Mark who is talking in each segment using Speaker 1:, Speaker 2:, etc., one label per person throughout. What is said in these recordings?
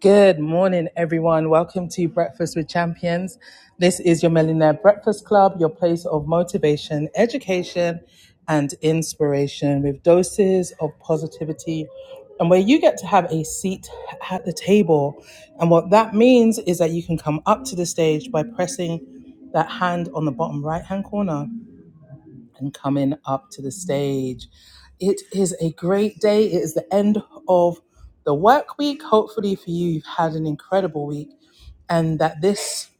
Speaker 1: Good morning, everyone. Welcome to Breakfast with Champions. This is your Millionaire Breakfast Club, your place of motivation, education, and inspiration with doses of positivity, and where you get to have a seat at the table. And what that means is that you can come up to the stage by pressing that hand on the bottom right hand corner and coming up to the stage. It is a great day. It is the end of the work week. Hopefully, for you, you've had an incredible week, and that this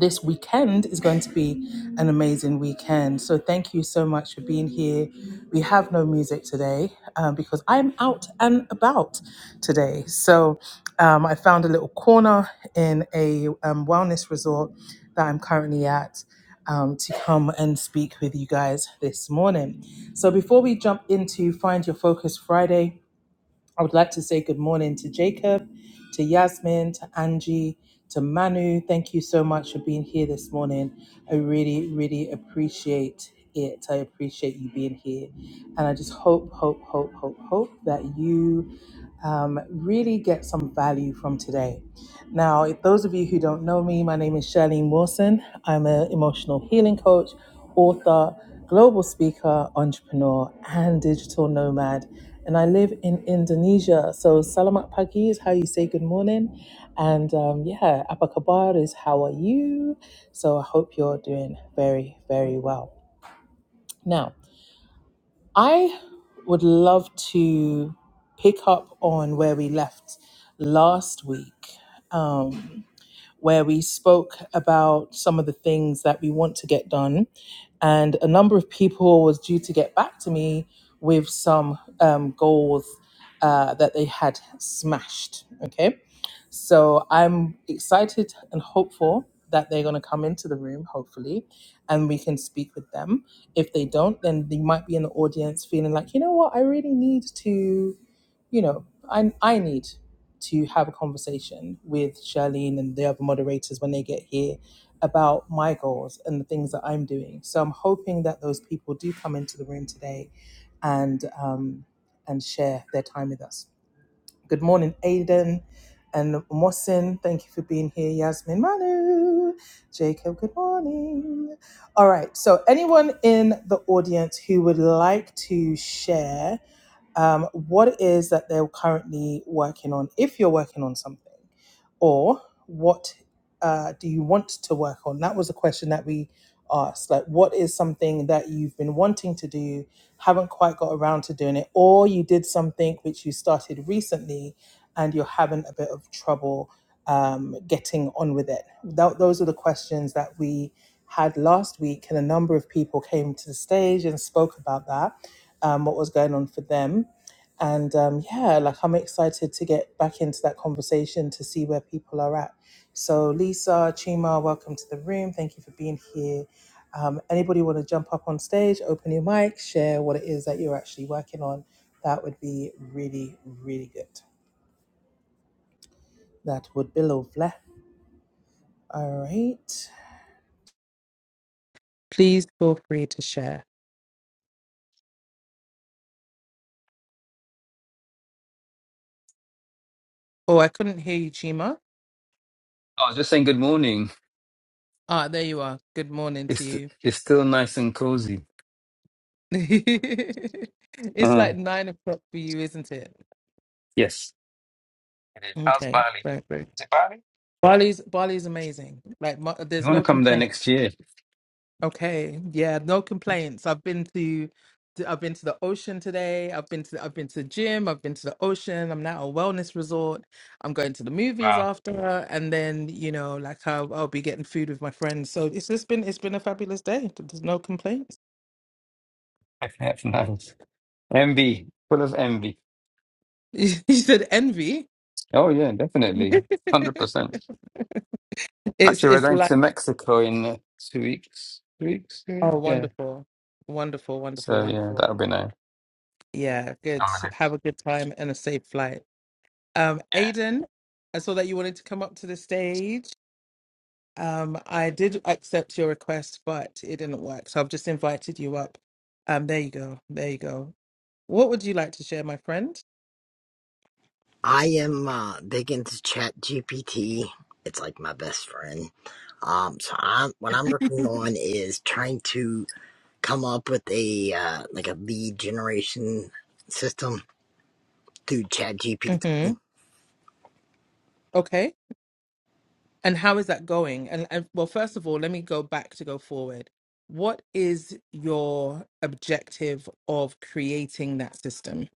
Speaker 1: this weekend is going to be an amazing weekend. So thank you so much for being here. We have no music today uh, because I'm out and about today. So um, I found a little corner in a um, wellness resort that I'm currently at. Um, to come and speak with you guys this morning. So, before we jump into Find Your Focus Friday, I would like to say good morning to Jacob, to Yasmin, to Angie, to Manu. Thank you so much for being here this morning. I really, really appreciate it. I appreciate you being here. And I just hope, hope, hope, hope, hope that you um, really get some value from today now, if those of you who don't know me, my name is Charlene Wilson. I'm an emotional healing coach, author, global speaker, entrepreneur, and digital nomad. And I live in Indonesia. So salamat pagi is how you say good morning. And um, yeah, apa kabar is how are you? So I hope you're doing very, very well. Now, I would love to pick up on where we left last week. Um, where we spoke about some of the things that we want to get done. And a number of people was due to get back to me with some um, goals uh, that they had smashed. Okay. So I'm excited and hopeful that they're going to come into the room, hopefully, and we can speak with them. If they don't, then they might be in the audience feeling like, you know what, I really need to, you know, I, I need to have a conversation with Charlene and the other moderators when they get here about my goals and the things that I'm doing. So I'm hoping that those people do come into the room today and um, and share their time with us. Good morning, Aiden and Mosin. Thank you for being here, Yasmin Manu. Jacob, good morning. All right. So anyone in the audience who would like to share um, what it is that they're currently working on, if you're working on something, or what uh, do you want to work on? That was a question that we asked. Like, what is something that you've been wanting to do, haven't quite got around to doing it, or you did something which you started recently and you're having a bit of trouble um, getting on with it? That, those are the questions that we had last week, and a number of people came to the stage and spoke about that, um, what was going on for them and um, yeah, like I'm excited to get back into that conversation to see where people are at. So, Lisa, Chima, welcome to the room. Thank you for being here. Um, anybody want to jump up on stage, open your mic, share what it is that you're actually working on? That would be really, really good. That would be lovely. All right. Please feel free to share. Oh, I couldn't hear you, Chima.
Speaker 2: I was just saying good morning.
Speaker 1: Ah, there you are. Good morning to
Speaker 2: It's
Speaker 1: you.
Speaker 2: it's still nice and cozy.
Speaker 1: it's
Speaker 2: Uh,
Speaker 1: like nine o'clock for you, isn't it?
Speaker 2: yes. It is. How's
Speaker 1: Okay,
Speaker 2: Bali?
Speaker 1: right, right.
Speaker 2: Is it Bali?
Speaker 1: Bali's Bali's amazing. Like, mo-
Speaker 2: You
Speaker 1: there's
Speaker 2: want
Speaker 1: no
Speaker 2: to come there
Speaker 1: complaint.
Speaker 2: next year?
Speaker 1: Okay, yeah, no complaints. I've been to, to- I've been to the ocean today. I've been to, I've been to the gym. I've been to the ocean. I'm now at a wellness resort. I'm going to the movies
Speaker 2: Wow,
Speaker 1: after, and then you know, like, I'll, I'll be getting food with my friends. So it's just been, it's been a fabulous day. There's no complaints.
Speaker 2: that's nice. Envy, full of envy.
Speaker 1: You said envy.
Speaker 2: Oh yeah, definitely, one hundred percent.
Speaker 1: it's,
Speaker 2: Actually, we're
Speaker 1: it's
Speaker 2: going
Speaker 1: like,
Speaker 2: to Mexico in uh, two weeks. Two weeks, two weeks?
Speaker 1: oh,
Speaker 2: yeah.
Speaker 1: wonderful, wonderful, wonderful,
Speaker 2: So yeah,
Speaker 1: wonderful.
Speaker 2: that'll be nice.
Speaker 1: Yeah, good.
Speaker 2: I'm gonna-
Speaker 1: Have a good time and a safe flight. Um,
Speaker 2: yeah.
Speaker 1: Aiden, I saw that you wanted to come up to the stage. Um, I did accept your request, but it didn't work. So I've just invited you up. Um, there you go. There you go. What would you like to share, my friend?
Speaker 3: I am uh, big into Chat GPT. It's like my best friend. Um, so I'm what I'm working on is trying to come up with a uh, like a lead generation system through Chat GPT.
Speaker 1: hmm Okay. And how is that going? And, and well, first of all, let me go back to go forward. What is your objective of creating that system?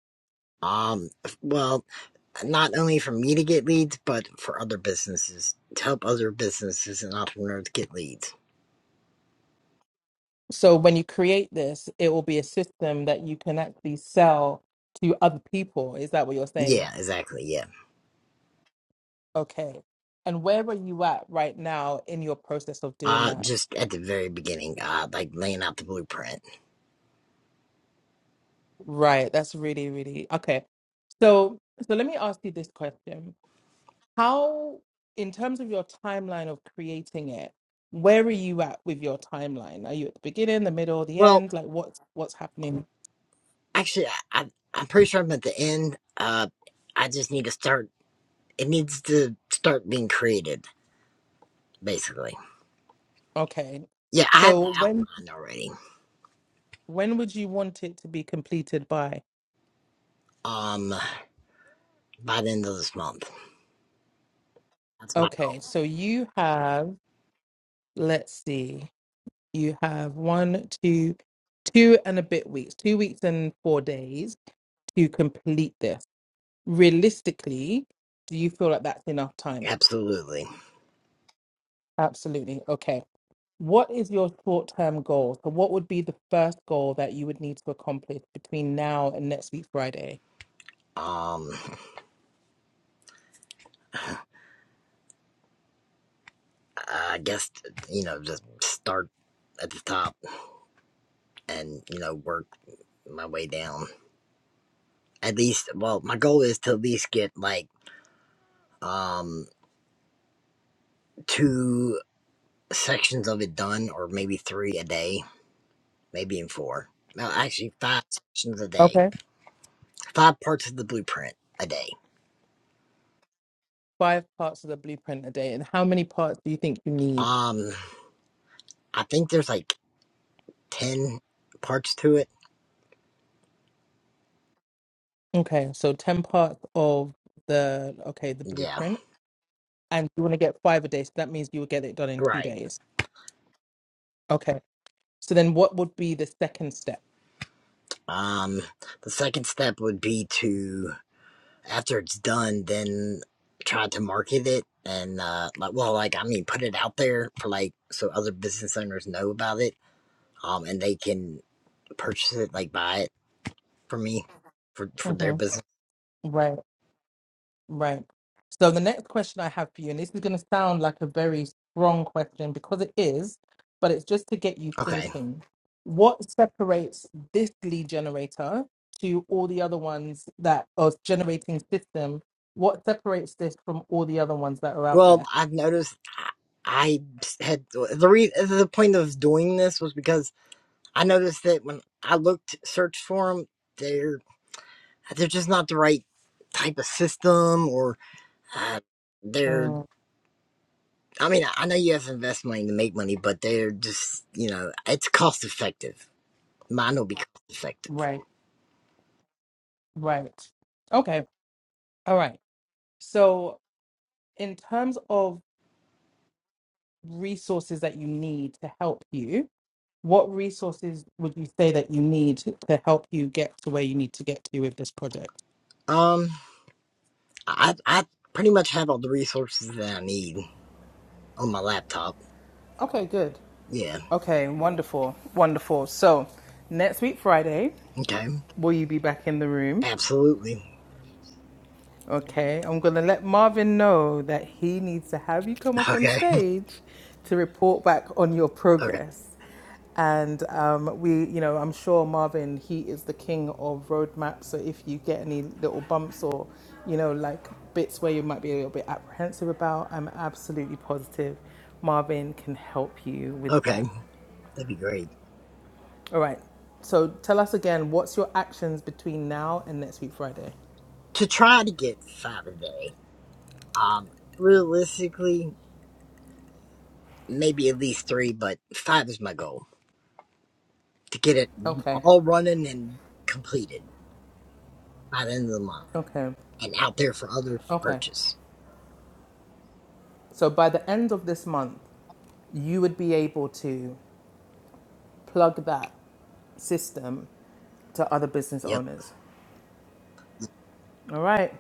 Speaker 3: Um, well, not only for me to get leads, but for other businesses to help other businesses and entrepreneurs get leads.
Speaker 1: So when you create this, it will be a system that you can actually sell to other people. Is that what you're saying?
Speaker 3: Yeah, exactly. Yeah.
Speaker 1: Okay. And where are you at right now in your process of doing
Speaker 3: Uh,
Speaker 1: that?
Speaker 3: just at the very beginning, uh, like laying out the blueprint.
Speaker 1: Right. That's really, really okay. So so let me ask you this question. how in terms of your timeline of creating it where are you at with your timeline are you at the beginning the middle the
Speaker 3: Well,
Speaker 1: end like what's what's happening
Speaker 3: Actually, I, I, am pretty sure I'm at the end. Uh, I just need to start. It needs to start being created, basically.
Speaker 1: okay
Speaker 3: Yeah, I had the
Speaker 1: so when
Speaker 3: outline already.
Speaker 1: when would you want it to be completed by
Speaker 3: Um, by the end of this month, that's my
Speaker 1: okay
Speaker 3: goal.
Speaker 1: so you have let's see you have one two two and a bit weeks two weeks and four days to complete this realistically do you feel like that's enough time
Speaker 3: Absolutely.
Speaker 1: absolutely okay What is your short term goal? So, what would be the first goal that you would need to accomplish between now and next week, Friday?
Speaker 3: Um, I guess you know, just start at the top and you know work my way down. At least, well, my goal is to at least get like um two sections of it done, or maybe three a day maybe in four. No, actually, five sections a day,
Speaker 1: Okay.
Speaker 3: five parts of the blueprint a day.
Speaker 1: Five parts of the blueprint a day. And how many parts do you think you need?
Speaker 3: Um, I think there's like ten parts to it.
Speaker 1: Okay, so 10 parts of the, okay, the
Speaker 3: Yeah,
Speaker 1: blueprint. And you want to get five a day. So that means you will get it done in two
Speaker 3: right.
Speaker 1: days. Okay. So then what would be the second step?
Speaker 3: Um, the second step would be to after it's done, then try to market it and uh, like, well, like I mean, put it out there for like so other business owners know about it. Um, and they can purchase it, like buy it from me for for their
Speaker 1: hmm
Speaker 3: business.
Speaker 1: Right. Right. So the next question I have for you, and this is going to sound like a very strong question because it is, but it's just to get you
Speaker 3: Okay.
Speaker 1: thinking. What separates this lead generator to all the other ones that are generating system? What separates this from all the other ones that are out
Speaker 3: Well,
Speaker 1: there?
Speaker 3: I've noticed I, I had the re, the point of doing this was because I noticed that when I looked searched for them, they're they're just not the right type of system or uh, they're.
Speaker 1: Mm,
Speaker 3: I mean, I know you have to invest money to make money, but they're just you know it's cost effective. Mine will be cost effective.
Speaker 1: right, right. Okay, all right. So, in terms of resources that you need to help you, what resources would you say that you need to help you get to where you need to get to with this project?
Speaker 3: Um, I I pretty much have all the resources that I need on my laptop.
Speaker 1: Okay, good.
Speaker 3: Yeah.
Speaker 1: Okay, wonderful, wonderful. So, next week, Friday,
Speaker 3: Okay.
Speaker 1: will you be back in the room?
Speaker 3: Absolutely.
Speaker 1: Okay, I'm going to let Marvin know that he needs to have you come up on
Speaker 3: Okay.
Speaker 1: stage to report back on your
Speaker 3: Okay.
Speaker 1: progress. And um, we, you know, I'm sure Marvin, he is the king of roadmaps. So if you get any little bumps or, you know, like bits where you might be a little bit apprehensive about, I'm absolutely positive Marvin can help you with
Speaker 3: Okay.
Speaker 1: that.
Speaker 3: That'd be great.
Speaker 1: All right. So tell us again, what's your actions between now and next week, Friday?
Speaker 3: To try to get five a day. Um, realistically, maybe at least three, but five is my goal to get it
Speaker 1: Okay.
Speaker 3: all running and completed by the end of the month
Speaker 1: Okay.
Speaker 3: and out there for others to
Speaker 1: Okay.
Speaker 3: purchase.
Speaker 1: So by the end of this month, you would be able to plug that system to other business
Speaker 3: Yep.
Speaker 1: owners. All right.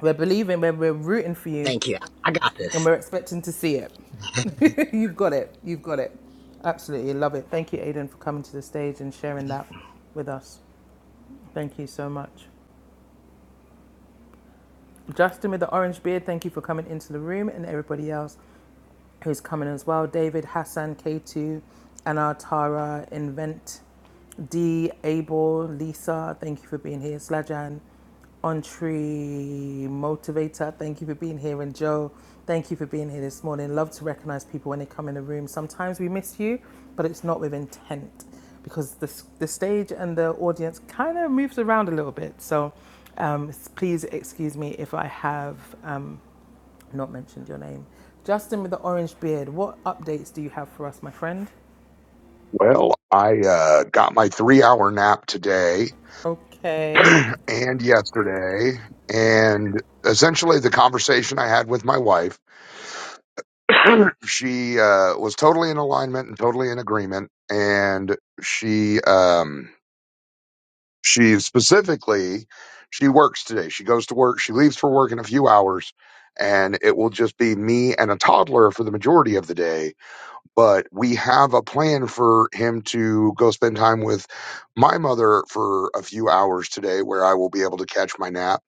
Speaker 1: We're believing, we're, we're rooting for you,
Speaker 3: Thank you. I got
Speaker 1: and
Speaker 3: this.
Speaker 1: we're expecting to see it. You've got it. You've got it. Absolutely love it. Thank you, Aiden, for coming to the stage and sharing that with us. Thank you so much. Justin with the orange beard, thank you for coming into the room and everybody else. who's coming as well. David, Hassan, K2, Anna, Tara, Invent, D, Abel, Lisa, thank you for being here. Slajan, Entree Motivator, thank you for being here. And Joe, thank you for being here this morning. Love to recognize people when they come in the room. Sometimes we miss you, but it's not with intent because the, the stage and the audience kind of moves around a little bit. So um, please excuse me if I have. um not mentioned your name. Justin with the orange beard, what updates do you have for us, my friend?
Speaker 4: Well, I uh, got my three hour nap today
Speaker 1: Okay.
Speaker 4: and yesterday. And essentially, the conversation I had with my wife, she uh, was totally in alignment and totally in agreement. And she, um, she specifically, she works today. She goes to work. She leaves for work in a few hours. And it will just be me and a toddler for the majority of the day but we have a plan for him to go spend time with my mother for a few hours today where I will be able to catch my nap.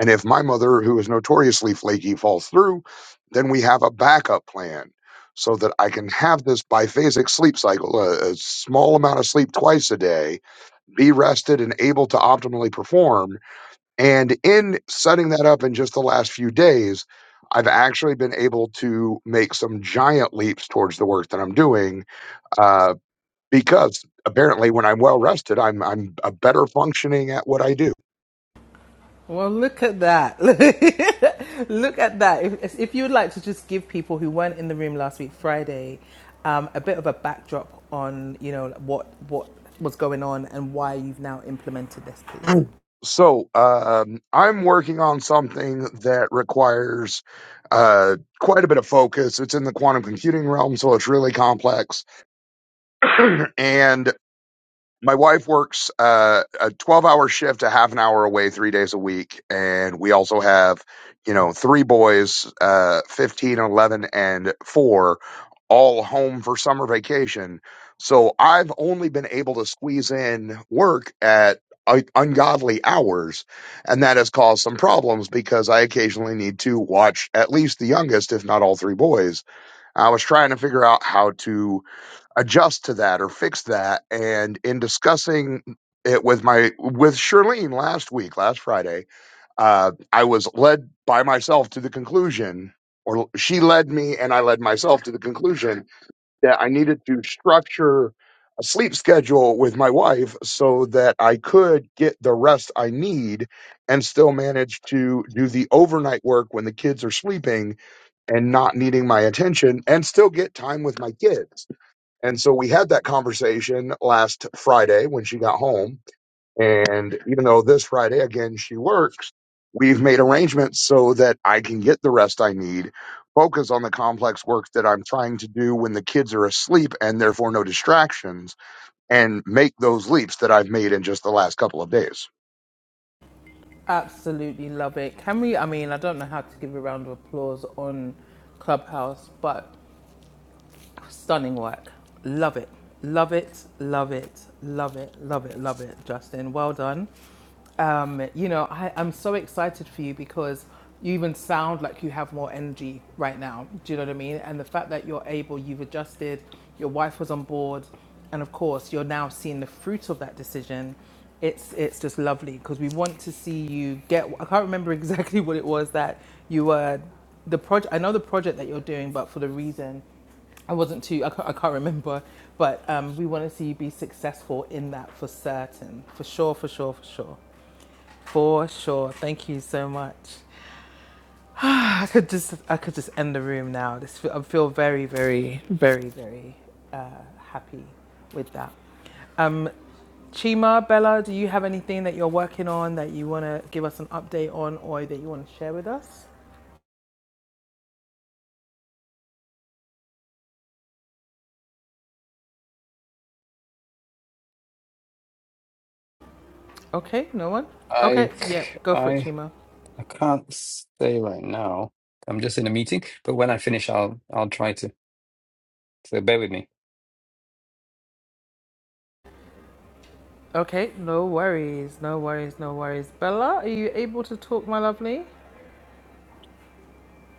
Speaker 4: And if my mother, who is notoriously flaky, falls through, then we have a backup plan so that I can have this biphasic sleep cycle, a, a small amount of sleep twice a day, be rested and able to optimally perform. And in setting that up in just the last few days, I've actually been able to make some giant leaps towards the work that I'm doing uh, because apparently when I'm well rested, I'm I'm a better functioning at what I do.
Speaker 1: Well, look at that. look at that. If, if you would like to just give people who weren't in the room last week, Friday, um, a bit of a backdrop on, you know, what what was going on and why you've now implemented this, please.
Speaker 4: Mm. So um, I'm working on something that requires uh, quite a bit of focus. It's in the quantum computing realm, so it's really complex, and my wife works uh, a 12 hour shift a half an hour away three days a week and we also have you know three boys uh, 15 eleven, and 4 all home for summer vacation so i've only been able to squeeze in work at uh, ungodly hours and that has caused some problems because i occasionally need to watch at least the youngest if not all three boys i was trying to figure out how to adjust to that or fix that. And in discussing it with my with Charlene last week, last Friday, uh, I was led by myself to the conclusion, or she led me, and I led myself to the conclusion that I needed to structure a sleep schedule with my wife so that I could get the rest I need and still manage to do the overnight work when the kids are sleeping and not needing my attention and still get time with my kids and so we had that conversation last Friday when she got home. And even though this Friday, again, she works, we've made arrangements so that I can get the rest I need, focus on the complex work that I'm trying to do when the kids are asleep and therefore no distractions, and make those leaps that I've made in just the last couple of days.
Speaker 1: Absolutely love it. Can we? I mean, I don't know how to give a round of applause on Clubhouse, but Stunning work. Love it. Love it. Love it. Love it. Love it. Love it, Justin. Well done. Um, you know, I, I'm so excited for you because you even sound like you have more energy right now. Do you know what I mean? And the fact that you're able, you've adjusted, your wife was on board, and of course, you're now seeing the fruit of that decision. It's it's just lovely because we want to see you get. I can't remember exactly what it was that you were the project. I know the project that you're doing, but for the reason I wasn't too, I can't, I can't remember, but um, we want to see you be successful in that for certain. For sure, for sure, for sure. For sure. Thank you so much. I could just, I could just end the room now. This, I feel very, very, very, very uh, happy with that. Um, Chima, Bella, do you have anything that you're working on that you want to give us an update on or that you want to share with us? Okay, no one?
Speaker 2: I
Speaker 1: Okay, yeah,
Speaker 2: c-
Speaker 1: go for it,
Speaker 2: I
Speaker 1: Chima.
Speaker 2: I can't stay right now. I'm just in a meeting, but when I finish, I'll I'll try to. So bear with me.
Speaker 1: Okay, no worries, no worries, no worries. Bella, are you able to talk, my lovely?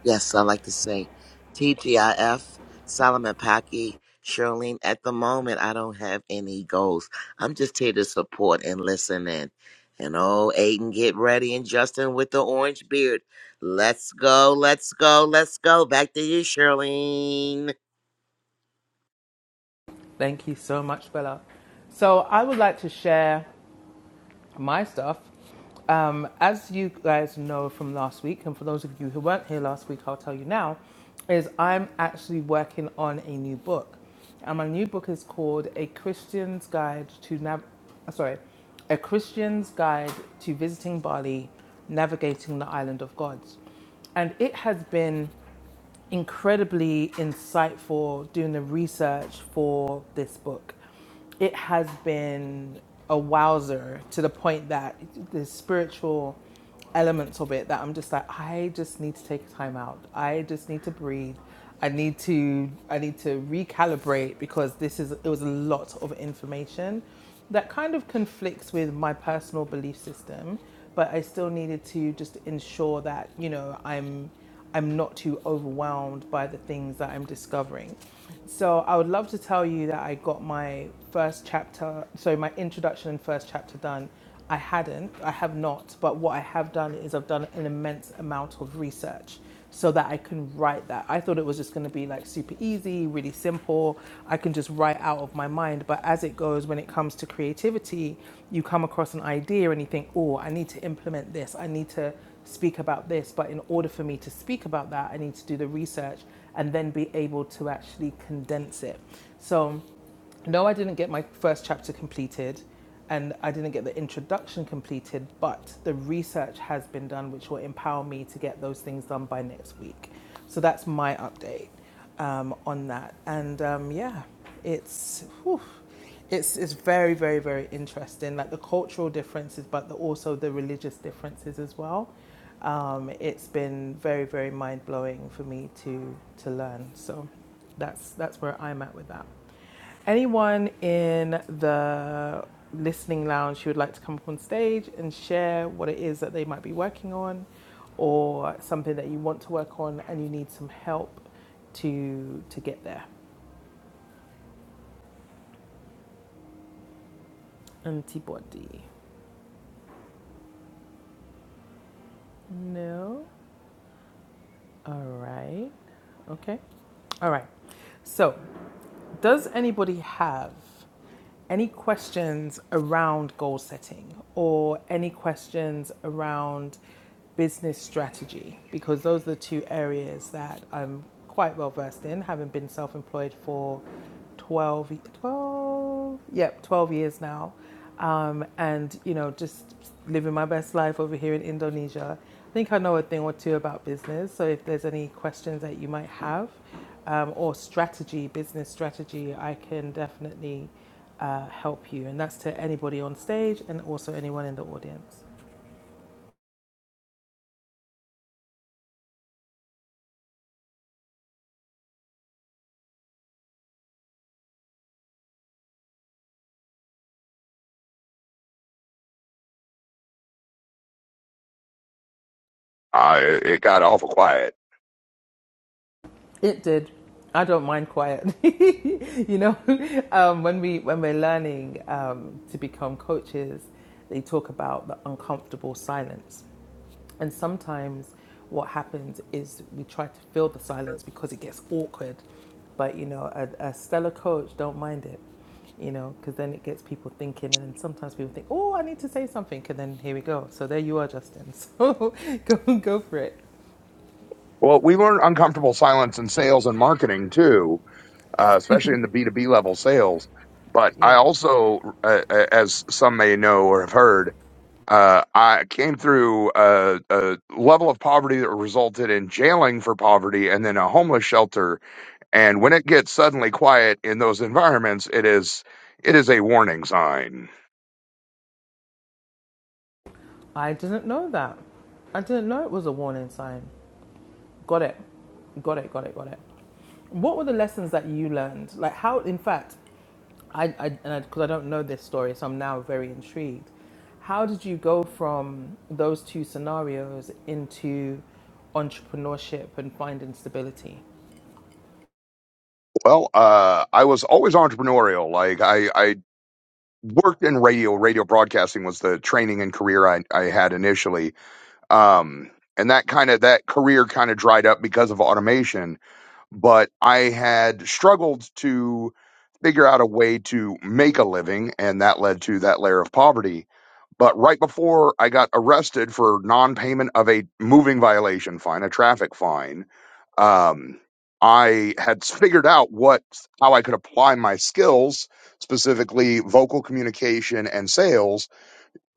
Speaker 5: Yes, I like to say TGIF, Solomon Pocky, Shirlene. At the moment, I don't have any goals. I'm just here to support and listen in. And oh, Aiden, get ready. And Justin with the orange beard. Let's go, let's go, let's go. Back to you, Shirlene.
Speaker 1: Thank you so much, Bella. So, I would like to share. my stuff. Um, as you guys know from last week, and for those of you who weren't here last week, I'll tell you now, is I'm actually working on a new book. And my new book is called A Christian's Guide to Nav- uh, sorry, A Christian's Guide to Visiting Bali, Navigating the Island of Gods. And it has been incredibly insightful doing the research for this book it has been a wowzer to the point that the spiritual elements of it that I'm just like, I just need to take time out. I just need to breathe. I need to I need to recalibrate because this is it was a lot of information that kind of conflicts with my personal belief system, but I still needed to just ensure that, you know, I'm I'm not too overwhelmed by the things that I'm discovering. So I would love to tell you that I got my first chapter, so my introduction and first chapter done. I hadn't, I have not, but what I have done is I've done an immense amount of research so that I can write that. I thought it was just going to be like super easy, really simple. I can just write out of my mind. But as it goes, when it comes to creativity, you come across an idea and you think, oh, I need to implement this. I need to speak about this. But in order for me to speak about that, I need to do the research and then be able to actually condense it. So, no, I didn't get my first chapter completed and I didn't get the introduction completed, but the research has been done, which will empower me to get those things done by next week. So that's my update um, on that. And um, yeah, it's. whew, it's, it's very very very interesting like the cultural differences but the, also the religious differences as well um, it's been very very mind-blowing for me to to learn so that's that's where i'm at with that Anyone in the listening lounge who would like to come up on stage and share what it is that they might be working on or something that you want to work on and you need some help to to get there? Antibody. No? All right. Okay. All right. So, does anybody have any questions around goal setting or any questions around business strategy? Because those are the two areas that I'm quite well versed in, having been self employed for 12, 12 yep, 12 years now. Um, and, you know, just living my best life over here in Indonesia. I think I know a thing or two about business. So if there's any questions that you might have um, or strategy, business strategy, I can definitely uh, help you. And that's to anybody on stage and also anyone in the audience.
Speaker 4: Uh, it it got awful quiet.
Speaker 1: It did. I don't mind quiet. you know, um, when we when we're learning um, to become coaches, they talk about the uncomfortable silence And sometimes what happens is we try to fill the silence because it gets awkward. But, you know, a, a stellar coach don't mind it, you know, because then it gets people thinking. And then sometimes people think, oh, I need to say something. And then here we go. So there you are, Justin. So go, go for it.
Speaker 4: Well, we learned uncomfortable silence in sales and marketing too uh, especially in the B2B level sales. But I
Speaker 1: Yeah.
Speaker 4: also, uh, uh, as some may know or have heard, uh, I came through a, a level of poverty that resulted in jailing for poverty and then a homeless shelter. And when it gets suddenly quiet in those environments, it is it is a warning sign.
Speaker 1: I didn't know that. I didn't know it was a warning sign. Got it. Got it. Got it. Got it. What were the lessons that you learned? Like how, in fact, I, I because I, 'cause I don't know this story, so I'm now very intrigued. How did you go from those two scenarios into entrepreneurship and finding stability?
Speaker 4: Well, uh, I was always entrepreneurial. Like I, I worked in radio. Radio broadcasting was the training and career I, I had initially um, and that kind of that career kind of dried up because of automation but i had struggled to figure out a way to make a living and that led to that layer of poverty but right before i got arrested for non-payment of a moving violation fine a traffic fine um, i had figured out what how i could apply my skills specifically vocal communication and sales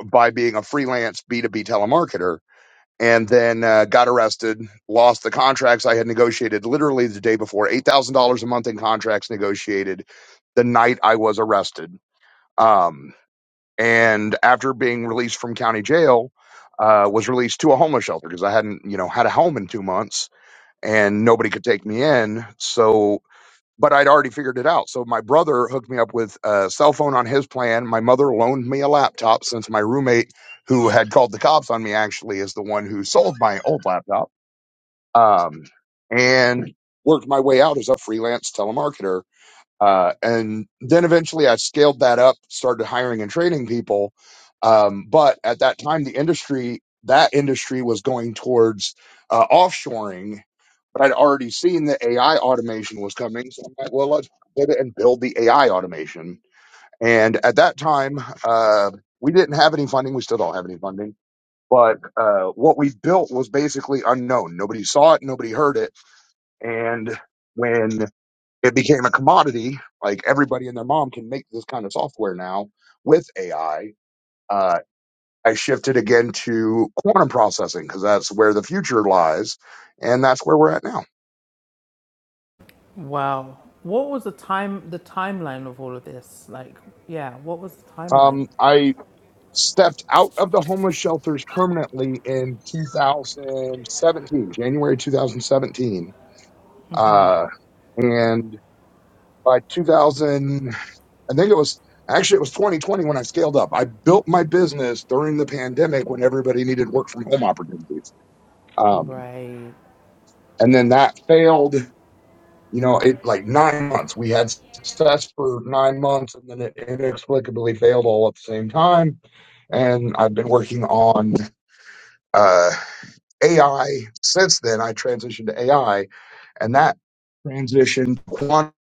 Speaker 4: by being a freelance b2b telemarketer and then uh, got arrested, lost the contracts I had negotiated literally the day before, eight thousand dollars a month in contracts negotiated the night I was arrested. Um, and after being released from county jail, uh, was released to a homeless shelter because I hadn't, you know, had a home in two months and nobody could take me in. So but I'd already figured it out. So my brother hooked me up with a cell phone on his plan. My mother loaned me a laptop since my roommate, who had called the cops on me, actually is the one who sold my old laptop. Um, and worked my way out as a freelance telemarketer. Uh, and then eventually I scaled that up, started hiring and training people. Um, but at that time, the industry, that industry was going towards uh, offshoring but I'd already seen that AI automation was coming. So I'm like, well, let's pivot and build the AI automation. And at that time, uh, we didn't have any funding. We still don't have any funding. But uh, what we built was basically unknown. Nobody saw it, nobody heard it. And when it became a commodity, like everybody and their mom can make this kind of software now with AI, uh, I shifted again to quantum processing because that's where the future lies. And that's where we're at now.
Speaker 1: Wow. What was the time the timeline of all of this? Like, yeah, what was the timeline?
Speaker 4: Um, I stepped out of the homeless shelters permanently in 2017, January 2017. Uh, and by 2000, I think it was actually it was 2020 when I scaled up. I built my business during the pandemic when everybody needed work from home opportunities. Um,
Speaker 1: Right.
Speaker 4: and then that failed. You know, it like nine months. We had success for nine months, and then it inexplicably failed all at the same time and I've been working on Uh, AI, since then, I transitioned to AI, and that transition to quantum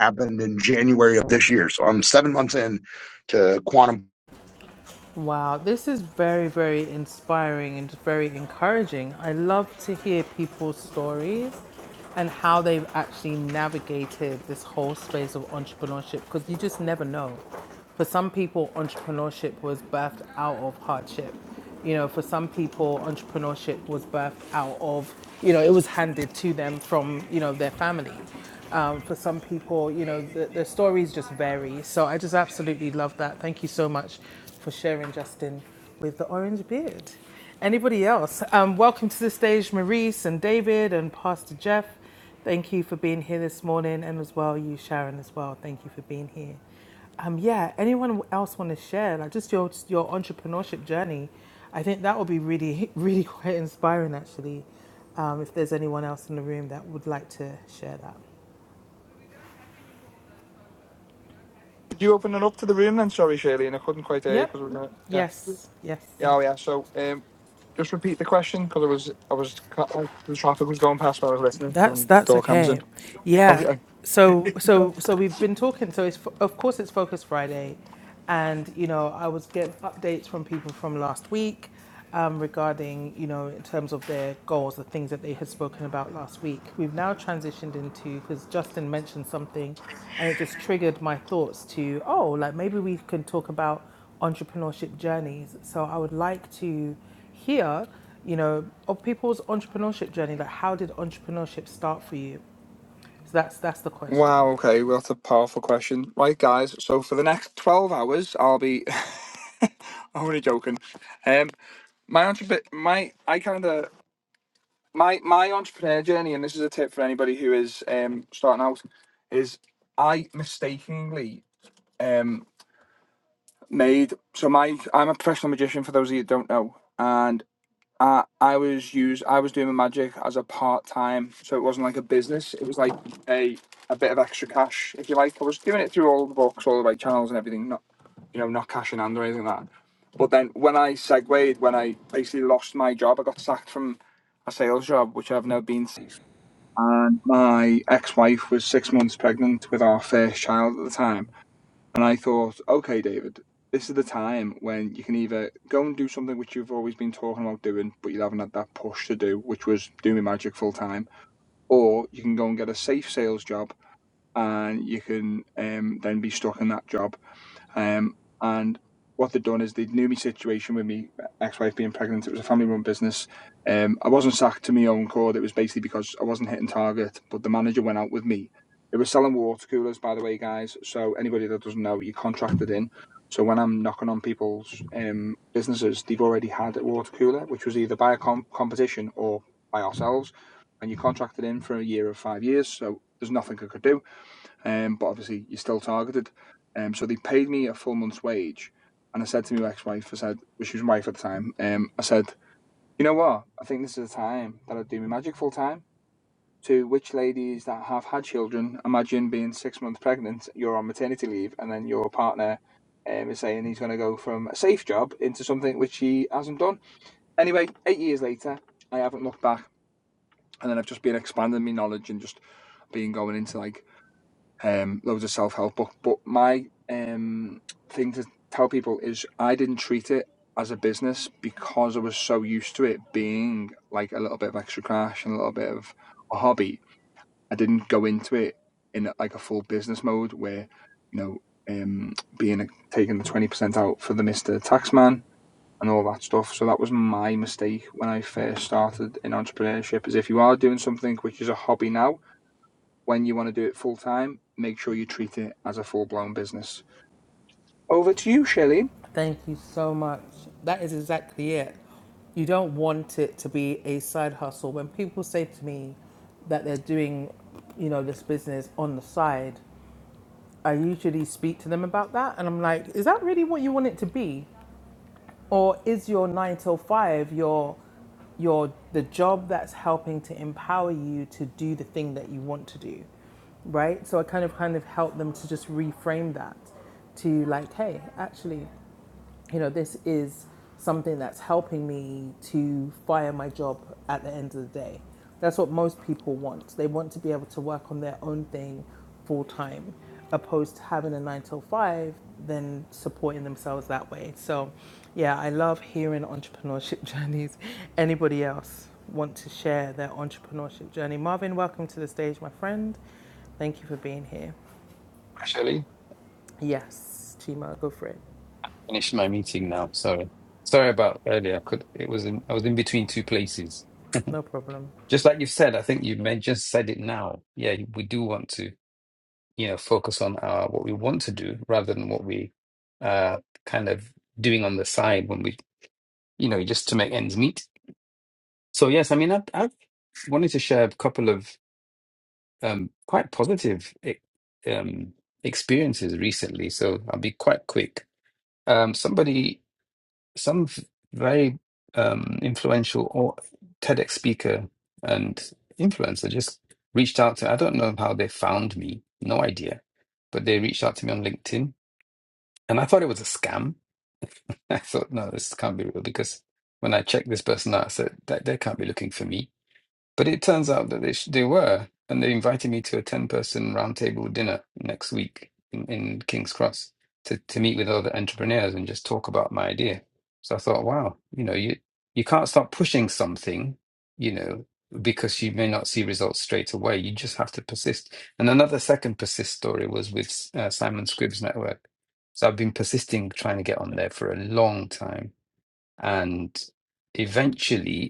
Speaker 4: happened in January of this year. So I'm seven months in to quantum.
Speaker 1: Wow, this is very, very inspiring and very encouraging. I love to hear people's stories and how they've actually navigated this whole space of entrepreneurship because you just never know. For some people, entrepreneurship was birthed out of hardship. You know, for some people, entrepreneurship was birthed out of, you know, it was handed to them from, you know, their family. Um, for some people, you know, the, the stories just vary. So I just absolutely love that. Thank you so much for sharing, Justin, with the orange beard. Anybody else? Um, welcome to the stage, Maurice and David and Pastor Jeff. Thank you for being here this morning, and as well, you, Sharon, as well. Thank you for being here. Um, yeah, anyone else want to share like just your your entrepreneurship journey? I think that would be really really quite inspiring actually. Um, if there's anyone else in the room that would like to share that.
Speaker 6: Could you open it up to the room then? Sorry, Shirley, and I couldn't quite hear you
Speaker 1: Yep.
Speaker 6: because we were yeah,
Speaker 1: Yes. Yes.
Speaker 6: yeah, oh, yeah. So, um, just repeat the question because I was, I was, ca- like, the traffic was going past when I was listening
Speaker 1: That's
Speaker 6: from
Speaker 1: that's
Speaker 6: door cams
Speaker 1: okay.
Speaker 6: in.
Speaker 1: Yeah.
Speaker 6: Okay.
Speaker 1: So so so we've been talking. So it's fo- of course it's Focus Friday, and you know I was getting updates from people from last week um, regarding you know in terms of their goals, the things that they had spoken about last week. We've now transitioned into because Justin mentioned something, and it just triggered my thoughts to oh like maybe we can talk about entrepreneurship journeys. So I would like to here, you know, of people's entrepreneurship journey, like how did entrepreneurship start for you? So that's that's the question.
Speaker 6: Wow. Okay. Well, that's a powerful question. Right, guys. So for the next twelve hours, I'll be. I'm only joking. Um, my entrepreneur, my I kind of my my entrepreneur journey, and this is a tip for anybody who is um starting out, is I mistakenly. um made so my I'm a professional magician for those of you that don't know and I I was used I was doing my magic as a part time so it wasn't like a business it was like a a bit of extra cash if you like I was doing it through all the books all the right channels and everything not you know not cash in hand or anything like that but then when I segued when I basically lost my job I got sacked from a sales job which I've never been to and my ex-wife was six months pregnant with our first child at the time and I thought, okay, David, this is the time when you can either go and do something which you've always been talking about doing, but you haven't had that push to do, which was doing magic full time, or you can go and get a safe sales job and you can um, then be stuck in that job um, and what they'd done is they knew my situation with me ex-wife being pregnant. It was a family-run business. Um, I wasn't sacked to my own accord. It was basically because I wasn't hitting target, but the manager went out with me. It was selling water coolers, by the way, guys. So anybody that doesn't know, you contracted in. So when I'm knocking on people's um, businesses, they've already had a water cooler, which was either by a com- competition or by ourselves, and you contracted in for a year or five years. So there's nothing I could do um, but obviously you're still targeted. Um, so they paid me a full month's wage, and I said to my ex-wife, I said, well, she was my wife at the time, um, I said, you know what? I think this is the time that I'd do my magic full time. To which ladies that have had children, imagine being six months pregnant, you're on maternity leave, and then your partner um, is saying he's going to go from a safe job into something which he hasn't done. Anyway, eight years later, I haven't looked back, and then I've just been expanding my knowledge and just been going into like um, loads of self help book. But my um, thing to tell people is I didn't treat it as a business because I was so used to it being like a little bit of extra cash and a little bit of a hobby. I didn't go into it in like a full business mode where, you know, um, being a, taking the twenty percent out for the Mister Taxman and all that stuff. So that was my mistake when I first started in entrepreneurship. Is if you are doing something which is a hobby now, when you want to do it full time, make sure you treat it as a full blown business. Over to you, Shelley.
Speaker 1: Thank you so much. That is exactly it. You don't want it to be a side hustle. When people say to me that they're doing, you know, this business on the side, I usually speak to them about that and I'm like, is that really what you want it to be? Or is your nine till five your your the job that's helping to empower you to do the thing that you want to do? Right? So I kind of kind of help them to just reframe that to like, hey, actually you know, this is something that's helping me to fire my job at the end of the day. That's what most people want. They want to be able to work on their own thing full time, opposed to having a nine till five, then supporting themselves that way. So, yeah, I love hearing entrepreneurship journeys. Anybody else want to share their entrepreneurship journey? Marvin, welcome to the stage, my friend. Thank you for being here.
Speaker 2: Actually.
Speaker 1: Yes, Chima, go for it.
Speaker 2: Finished my meeting now. Sorry. Sorry about earlier. I could it was in I was in between two places.
Speaker 1: No problem.
Speaker 2: Just like you've said, I think you may just said it now. Yeah, we do want to, you know, focus on our what we want to do rather than what we uh kind of doing on the side when we you know, just to make ends meet. So yes, I mean I've I've wanted to share a couple of um quite positive e- um experiences recently. So I'll be quite quick. Um somebody some v- very um, influential or TEDx speaker and influencer just reached out to. I don't know how they found me, no idea, but they reached out to me on LinkedIn, and I thought it was a scam. I thought, no, this can't be real because when I checked this person out, I said that they can't be looking for me. But it turns out that they, sh- they were, and they invited me to a 10 person roundtable dinner next week in, in King's Cross to, to meet with other entrepreneurs and just talk about my idea. So I thought, wow, you know, you, you can't start pushing something, you know, because you may not see results straight away. You just have to persist. And another second persist story was with uh, Simon Scribb's network. So I've been persisting trying to get on there for a long time. And eventually,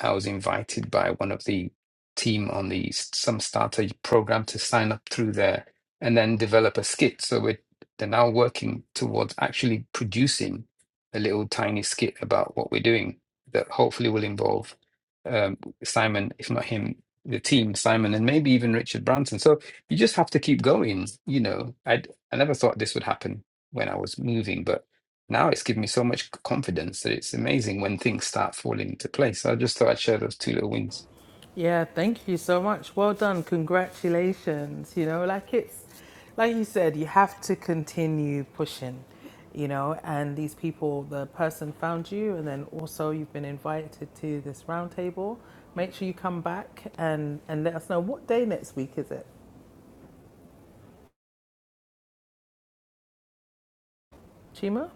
Speaker 2: I was invited by one of the team on the some starter program to sign up through there and then develop a skit. So we're, they're now working towards actually producing a little tiny skit about what we're doing that hopefully will involve um, Simon, if not him, the team, Simon, and maybe even Richard Branson. So you just have to keep going. You know, I I never thought this would happen when I was moving, but now it's given me so much confidence that it's amazing when things start falling into place. So I just thought I'd share those two little wins.
Speaker 1: Yeah, thank you so much. Well done. Congratulations. You know, like it's like you said, you have to continue pushing, you know, and these people, the person found you and then also you've been invited to this roundtable. Make sure you come back and and let us know what day next week is it? Chima?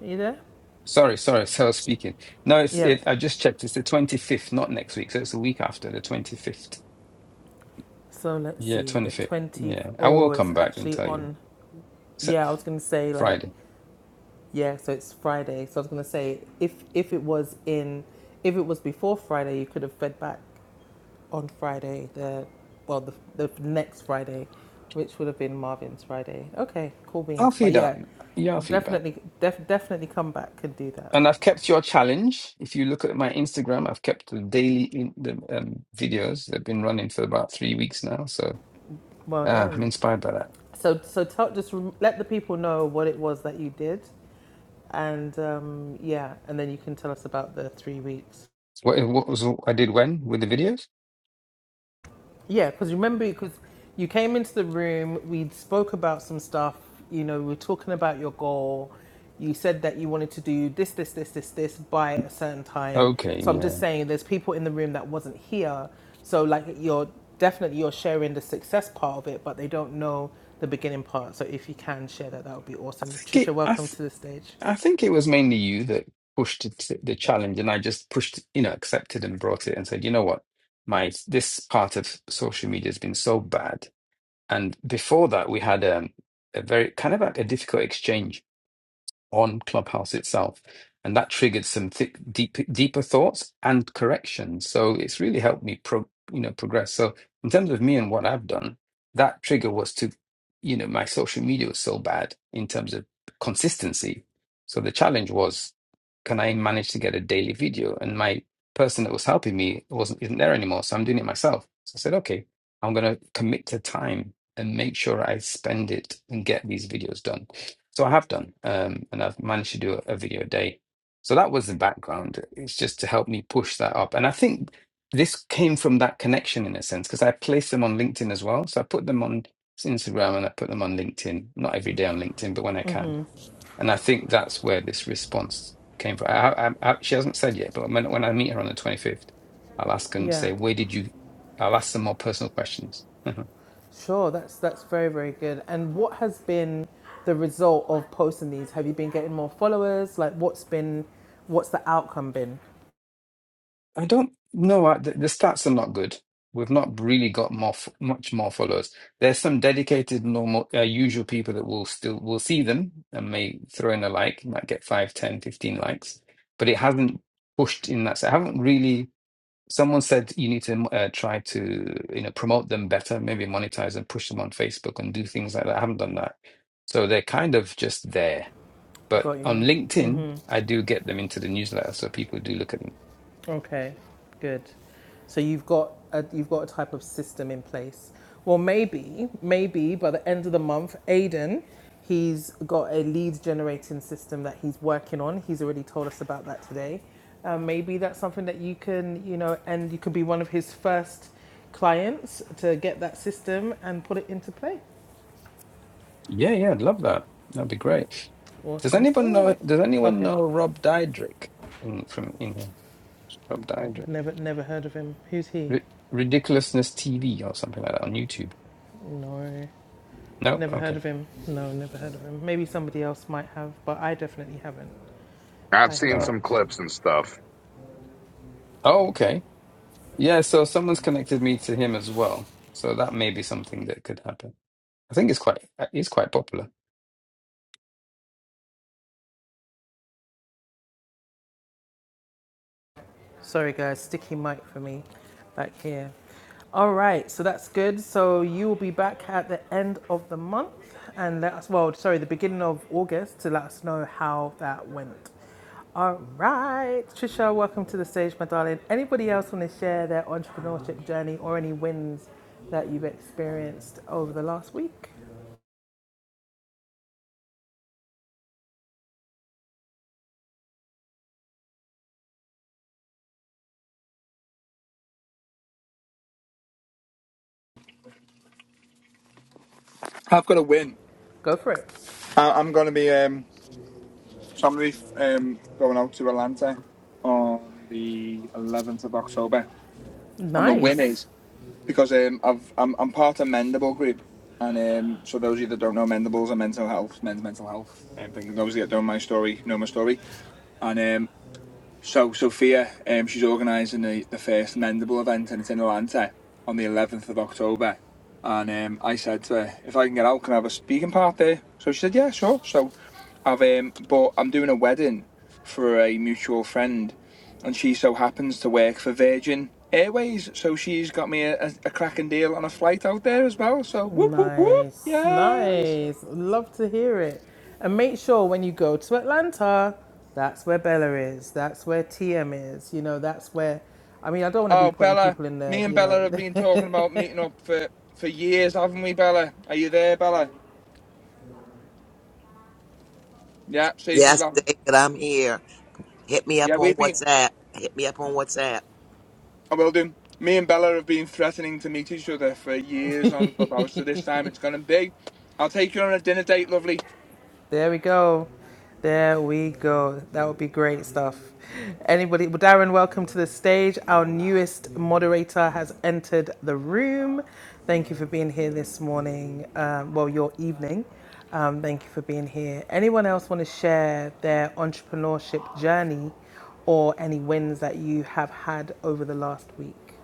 Speaker 1: Are you there?
Speaker 2: Sorry, sorry, so I was speaking. No, it's
Speaker 1: Yeah.
Speaker 2: it. I just checked. It's the twenty fifth, not next week. So it's the week after the twenty fifth.
Speaker 1: So let's
Speaker 2: Yeah,
Speaker 1: see,
Speaker 2: twenty
Speaker 1: the
Speaker 2: fifth.
Speaker 1: 20th.
Speaker 2: Yeah, I will
Speaker 1: Oh, it's
Speaker 2: come back and
Speaker 1: actually
Speaker 2: tell you.
Speaker 1: on.
Speaker 2: So
Speaker 1: Yeah, I was going to say, like,
Speaker 2: Friday.
Speaker 1: Yeah, so it's Friday. So I was gonna say if if it was in if it was before Friday, you could have fed back on Friday the well the the next Friday, which would have been Marvin's Friday. Okay, cool
Speaker 2: I'll
Speaker 1: beans. But
Speaker 2: feed up
Speaker 1: yeah,
Speaker 2: your feedback,
Speaker 1: definitely def, definitely come back and do that.
Speaker 2: and I've kept your challenge. If you look at my Instagram, I've kept the daily in, the um, videos. They've been running for about three weeks now, so
Speaker 1: Well
Speaker 2: uh, I'm
Speaker 1: done.
Speaker 2: inspired by that.
Speaker 1: So so tell just rem- let the people know what it was that you did, and um, yeah, and then you can tell us about the three weeks.
Speaker 2: What, what was I did when with the videos?
Speaker 1: Yeah, because remember, because you came into the room, we spoke about some stuff. You know, we were talking about your goal. You said that you wanted to do this, this, this, this, this by a certain time.
Speaker 2: Okay,
Speaker 1: So I'm
Speaker 2: yeah.
Speaker 1: just saying, there's people in the room that wasn't here. So like, you're definitely you're sharing the success part of it, but they don't know the beginning part. So if you can share that, that would be
Speaker 2: I
Speaker 1: awesome.
Speaker 2: think it,
Speaker 1: Trisha,
Speaker 2: I,
Speaker 1: welcome
Speaker 2: th-
Speaker 1: to the stage.
Speaker 2: I think it was mainly you that pushed it to the challenge, and I just pushed, you know, accepted and brought it and said, you know what, my this part of social media has been so bad. And before that, we had um, a very kind of like a difficult exchange on Clubhouse itself. And that triggered some thick, deep, deeper thoughts and corrections. So it's really helped me pro, you know, progress. So in terms of me and what I've done, that trigger was to, you know, my social media was so bad in terms of consistency. So the challenge was, can I manage to get a daily video? And my person that was helping me wasn't isn't there anymore. So I'm doing it myself. So I said, okay, I'm gonna commit to time and make sure I spend it and get these videos done. So I have done, um, and I've managed to do a, a video a day. So that was the background. It's just to help me push that up. And I think this came from that connection in a sense, because I placed them on LinkedIn as well. So I put them on Instagram and I put them on LinkedIn, not every day on LinkedIn, but when I can. And I think that's where this response came from. I, I, I, she hasn't said yet, but when, when I meet her on the 25th, I'll ask and say,
Speaker 1: Yeah.
Speaker 2: where did you, I'll ask some more personal questions.
Speaker 1: Sure, that's that's very very good. And what has been the result of posting these? Have you been getting more followers? Like, what's been, what's the outcome been?
Speaker 2: I don't know. I, the, the stats are not good. We've not really got more, f- much more followers. There's some dedicated, normal, uh, usual people that will still will see them and may throw in a like, might get 5, 10, 15 likes, but it hasn't pushed in that. So I haven't really. Someone said you need to uh, try to you know promote them better, maybe monetize and push them on Facebook and do things like that. I haven't done that, so they're kind of just there. But
Speaker 1: Got
Speaker 2: on
Speaker 1: you.
Speaker 2: LinkedIn, I do get them into the newsletter, so people do look at them.
Speaker 1: Okay, good. So you've got a, you've got a type of system in place. Well, maybe, maybe by the end of the month, Aiden, he's got a lead generating system that he's working on. He's already told us about that today. Uh, maybe that's something that you can, you know, and you could be one of his first clients to get that system and put it into play.
Speaker 2: Yeah, yeah, I'd love that. That'd be
Speaker 1: Yep.
Speaker 2: great. Does
Speaker 1: Awesome
Speaker 2: anyone
Speaker 1: sauce.
Speaker 2: know? Does anyone
Speaker 1: Okay.
Speaker 2: know Rob Dyrdek in, from England? Rob Dyrdek,
Speaker 1: Never, never heard of him. Who's he?
Speaker 2: Ri- Ridiculousness TV or something like that on YouTube.
Speaker 1: No.
Speaker 2: No,
Speaker 1: Never heard
Speaker 2: okay,
Speaker 1: of him. No, never heard of him. Maybe somebody else might have, but I definitely haven't.
Speaker 4: I've
Speaker 1: I have
Speaker 2: all
Speaker 4: seen
Speaker 2: right.
Speaker 4: some
Speaker 1: not.
Speaker 4: clips and stuff.
Speaker 2: Oh, okay. Yeah, so someone's connected me to him as well. So that may be something that could happen. I think it's quite uh, he's quite popular.
Speaker 1: Sorry, guys. Sticky mic for me back here. All right, so that's good. So you will be back at the end of the month and let us, well, sorry, the beginning of August to let us know how that went. All right, Trisha, welcome to the stage, my darling. Anybody else want to share their entrepreneurship journey or any wins that you've experienced over the last week?
Speaker 6: I've got a win.
Speaker 1: Go for it.
Speaker 6: I- I'm going to be um, so I'm going to be um, going out to Atlanta on the 11th of October, and the win
Speaker 1: Nice.
Speaker 6: is because um, I've I'm, I'm part of Mendable Group, and um, so those of you that don't know, Mendable's a mental health, men's mental health, and um, thing. Those of you that don't know my story know my story, and um, So Sophia, um, she's organising the, the first Mendable event, and it's in Atlanta on the 11th of October. And um, I said to her, if I can get out, can I have a speaking part there? So she said, yeah, sure. So I've um, but I'm doing a wedding for a mutual friend, and she so happens to work for Virgin Airways, so she's got me a, a, a cracking deal on a flight out there as well. So whoop whoop whoop,
Speaker 1: Nice,
Speaker 6: yes.
Speaker 1: nice. Love to hear it. And make sure when you go to Atlanta, that's where Bella is. That's where TM is. You know, that's where. I mean, I don't want to be
Speaker 6: Oh,
Speaker 1: putting
Speaker 6: Bella,
Speaker 1: people in
Speaker 6: me
Speaker 1: the,
Speaker 6: and
Speaker 1: you
Speaker 6: Bella
Speaker 1: know,
Speaker 6: have been talking about meeting up for for years, haven't we, Bella? Are you there, Bella? Yeah, see, she's
Speaker 5: Yes,
Speaker 6: laughing.
Speaker 5: David, I'm here. Hit me
Speaker 6: Yeah,
Speaker 5: up on
Speaker 6: we've been.
Speaker 5: WhatsApp. Hit me up on WhatsApp.
Speaker 6: I will do. Me and Bella have been threatening to meet each other for years on Clubhouse, so this time it's gonna be. I'll take you on a dinner date, lovely.
Speaker 1: There we go. There we go. That would be great stuff. Anybody, well, Darren, welcome to the stage. Our newest moderator has entered the room. Thank you for being here this morning. Um, well, your evening. Um, thank you for being here. Anyone else want to share their entrepreneurship journey or any wins that you have had over the last week?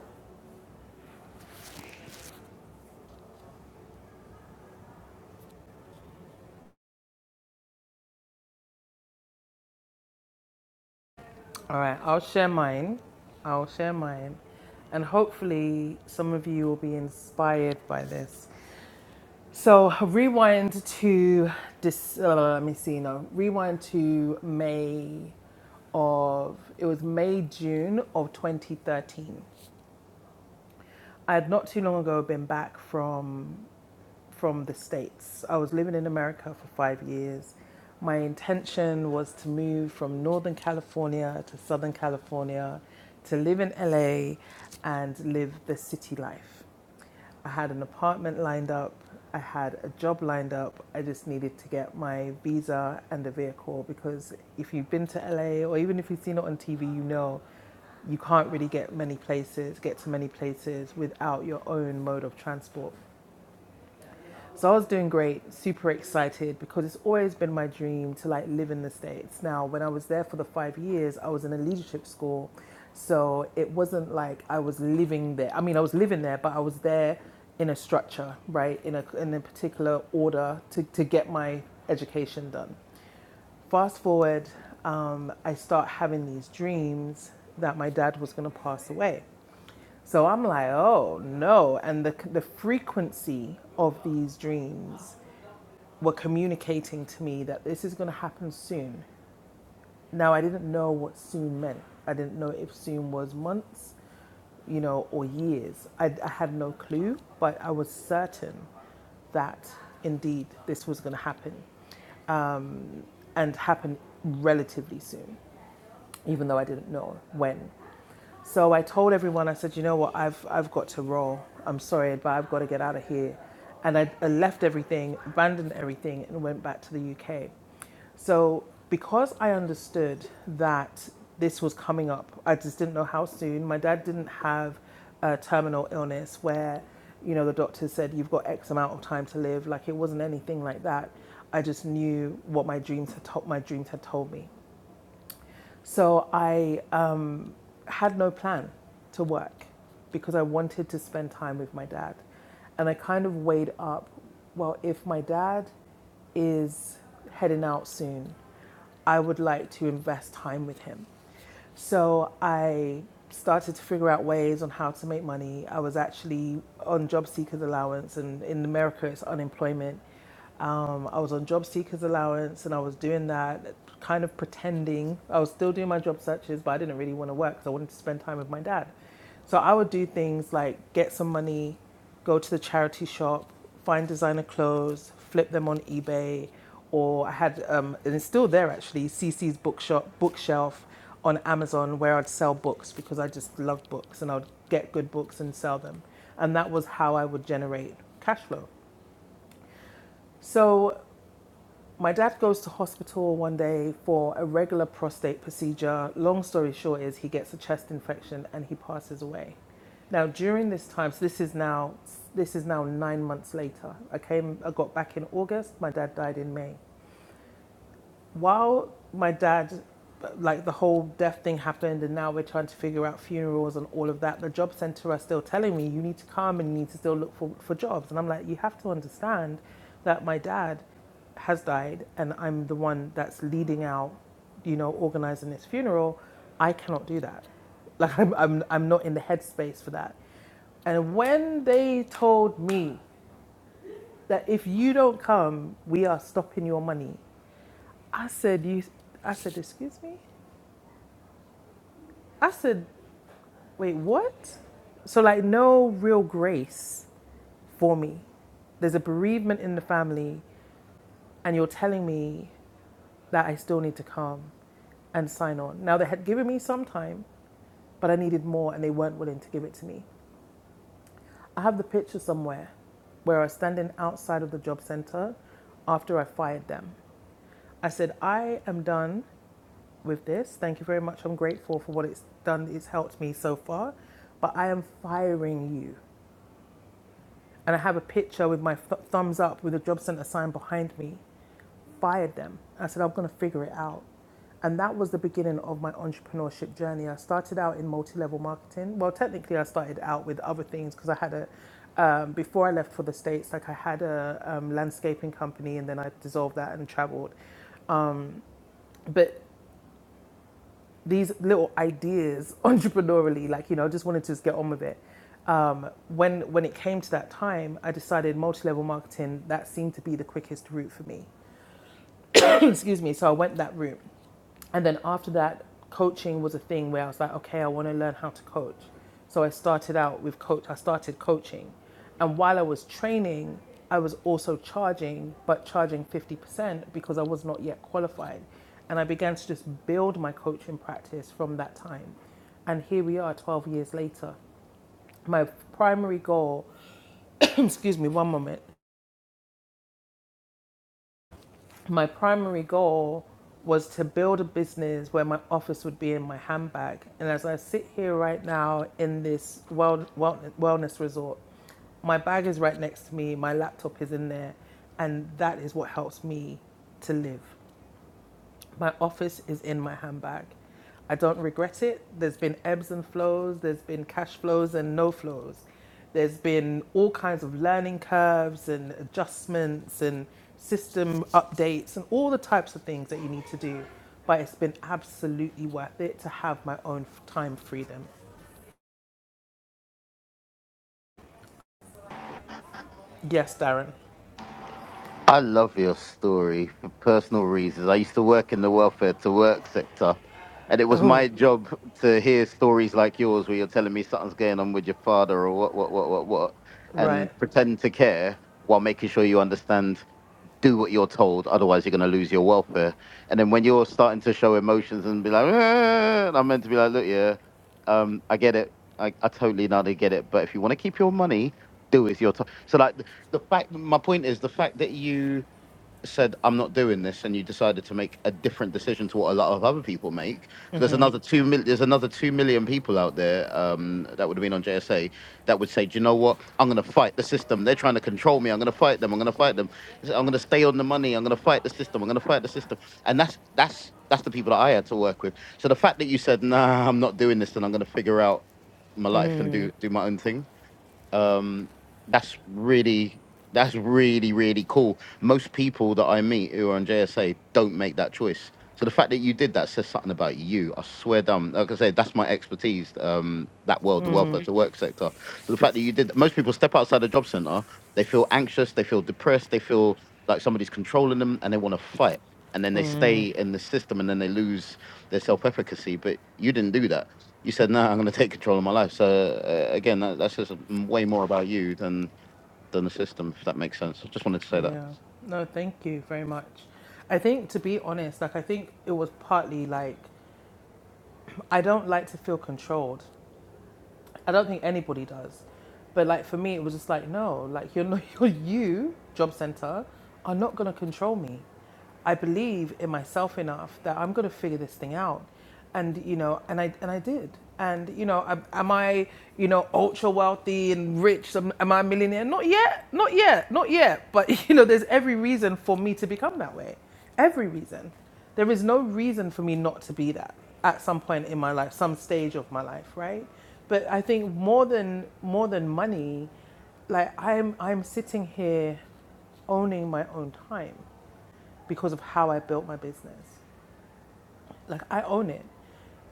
Speaker 1: All right, I'll share mine. I'll share mine. And hopefully, some of you will be inspired by this. So rewind to this. Uh, let me see. No, rewind to May of it was May June of 2013. I had not too long ago been back from from the States. I was living in America for five years. My intention was to move from Northern California to Southern California to live in LA and live the city life. I had an apartment lined up, I had a job lined up. I just needed to get my visa and a vehicle because if you've been to LA or even if you've seen it on TV, you know you can't really get many places, get to many places without your own mode of transport. So I was doing great, super excited because it's always been my dream to like live in the States. Now, when I was there for the five years, I was in a leadership school. So it wasn't like I was living there. I mean, I was living there, but I was there in a structure, right? In a, in a particular order to, to get my education done fast forward, um, I start having these dreams that my dad was going to pass away. So I'm like, oh no. And the, the frequency of these dreams were communicating to me that this is going to happen soon. Now, I didn't know what soon meant. I didn't know if soon was months, you know, or years. I, I had no clue, but I was certain that indeed this was going to happen and happen relatively soon, even though I didn't know when. So I told everyone, I said, you know what, I've, I've got to roll. I'm sorry, but I've got to get out of here. And I, I left everything, abandoned everything, and went back to the UK. So because I understood that this was coming up, I just didn't know how soon. My dad didn't have a terminal illness where, you know, the doctor said, you've got X amount of time to live. Like it wasn't anything like that. I just knew what my dreams had told my dreams had told me. So I um, had no plan to work because I wanted to spend time with my dad. And I kind of weighed up well, if my dad is heading out soon, I would like to invest time with him. So I started to figure out ways on how to make money. I was actually on job seekers allowance, and in America, it's unemployment. Um, I was on job seekers allowance, and I was doing that, kind of pretending. I was still doing my job searches, but I didn't really want to work because I wanted to spend time with my dad. So I would do things like get some money, go to the charity shop, find designer clothes, flip them on eBay, or I had, um, and it's still there actually, CC's bookshop, bookshelf on Amazon where I'd sell books because I just love books and I'd get good books and sell them. And that was how I would generate cash flow. So my dad goes to hospital one day for a regular prostate procedure. Long story short is he gets a chest infection and he passes away. Now during this time, so this is now this is now nine months later. I came, I got back in August. My dad died in May while my dad like the whole death thing happened and now we're trying to figure out funerals and all of that the job center are still telling me you need to come and you need to still look for, for jobs and i'm like you have to understand that my dad has died and i'm the one that's leading out you know organizing this funeral i cannot do that like i'm, I'm, I'm not in the headspace for that and when they told me that if you don't come, we are stopping your money, I said, you, I said, excuse me? I said, wait, what? So, like, no real grace for me. There's a bereavement in the family, and you're telling me that I still need to come and sign on. Now, they had given me some time, but I needed more, and they weren't willing to give it to me. I have the picture somewhere where I was standing outside of the job center after I fired them. I said, I am done with this. Thank you very much. I'm grateful for what it's done. It's helped me so far. But I am firing you. And I have a picture with my th- thumbs up with a job center sign behind me. Fired them. I said, I'm going to figure it out. And that was the beginning of my entrepreneurship journey. I started out in multi level marketing. Well, technically, I started out with other things because I had a, um, before I left for the States, like I had a um, landscaping company and then I dissolved that and traveled. But these little ideas entrepreneurially like you know just wanted to just get on with it um, when when it came to that time i decided multi-level marketing that seemed to be the quickest route for me excuse me so i went that route and then after that, coaching was a thing where I was like, okay, I want to learn how to coach. So I started out with coach. I started coaching, and while I was training, I was also charging, but charging fifty percent because I was not yet qualified, and I began to just build my coaching practice from that time. And here we are, twelve years later. My primary goal excuse me, one moment. my primary goal was to build a business where my office would be in my handbag. And as I sit here right now in this well, well, wellness resort, my bag is right next to me, my laptop is in there, and that is what helps me to live. My office is in my handbag. I don't regret it. There's been ebbs and flows, there's been cash flows and no flows. There's been all kinds of learning curves and adjustments and system updates and all the types of things that you need to do. But it's been absolutely worth it to have my own f- time freedom. Yes, Darren.
Speaker 7: I love your story for personal reasons. I used to work in the welfare to work sector, and it was
Speaker 1: Oh,
Speaker 7: my job to hear stories like yours where you're telling me something's going on with your father or what, what, what, what, what,
Speaker 1: right.
Speaker 7: and pretend to care while making sure you understand do what you're told, otherwise you're going to lose your welfare. And then when you're starting to show emotions and be like, "Ah," and I'm meant to be like, look, yeah, um, I get it. I, I totally now they get it. But if you want to keep your money, do with your time. So, like, the, the fact, my point is the fact that you said, I'm not doing this, and you decided to make a different decision to what a lot of other people make, because there's another two million, there's another two million people out there um, that would have been on JSA that would say, do you know what? I'm going to fight the system. They're trying to control me. I'm going to fight them. I'm going to fight them. I'm going to stay on the money. I'm going to fight the system. I'm going to fight the system. And that's, that's, that's the people that I had to work with. So the fact that you said, nah, I'm not doing this, and I'm going to figure out my life and do, do my own thing um that's really that's really really cool most people that i meet who are on jsa don't make that choice so the fact that you did that says something about you i swear down like i say, that's my expertise um that world the welfare to work sector so the fact that you did most people step outside the job center they feel anxious, they feel depressed, they feel like somebody's controlling them and they want to fight. And then they stay in the system and then they lose their self efficacy. But you didn't do that. You said, no, I'm going to take control of my life. So, uh, again, that, that's just way more about you than, than the system, if that makes sense. I just wanted to say that.
Speaker 1: Yeah. No, thank you very much. I think, to be honest, like, I think it was partly like I don't like to feel controlled. I don't think anybody does. But like for me, it was just like, no, like you're not, you're you, job center, are not going to control me. I believe in myself enough that I'm going to figure this thing out. And, you know, and I, and I did. And, you know, am am I, you know, ultra wealthy and rich? Am, am I a millionaire? Not yet. Not yet. Not yet. But, you know, there's every reason for me to become that way. Every reason. There is no reason for me not to be that at some point in my life, some stage of my life, right? But I think more than more than money, like I'm I'm sitting here owning my own time because of how I built my business. Like I own it.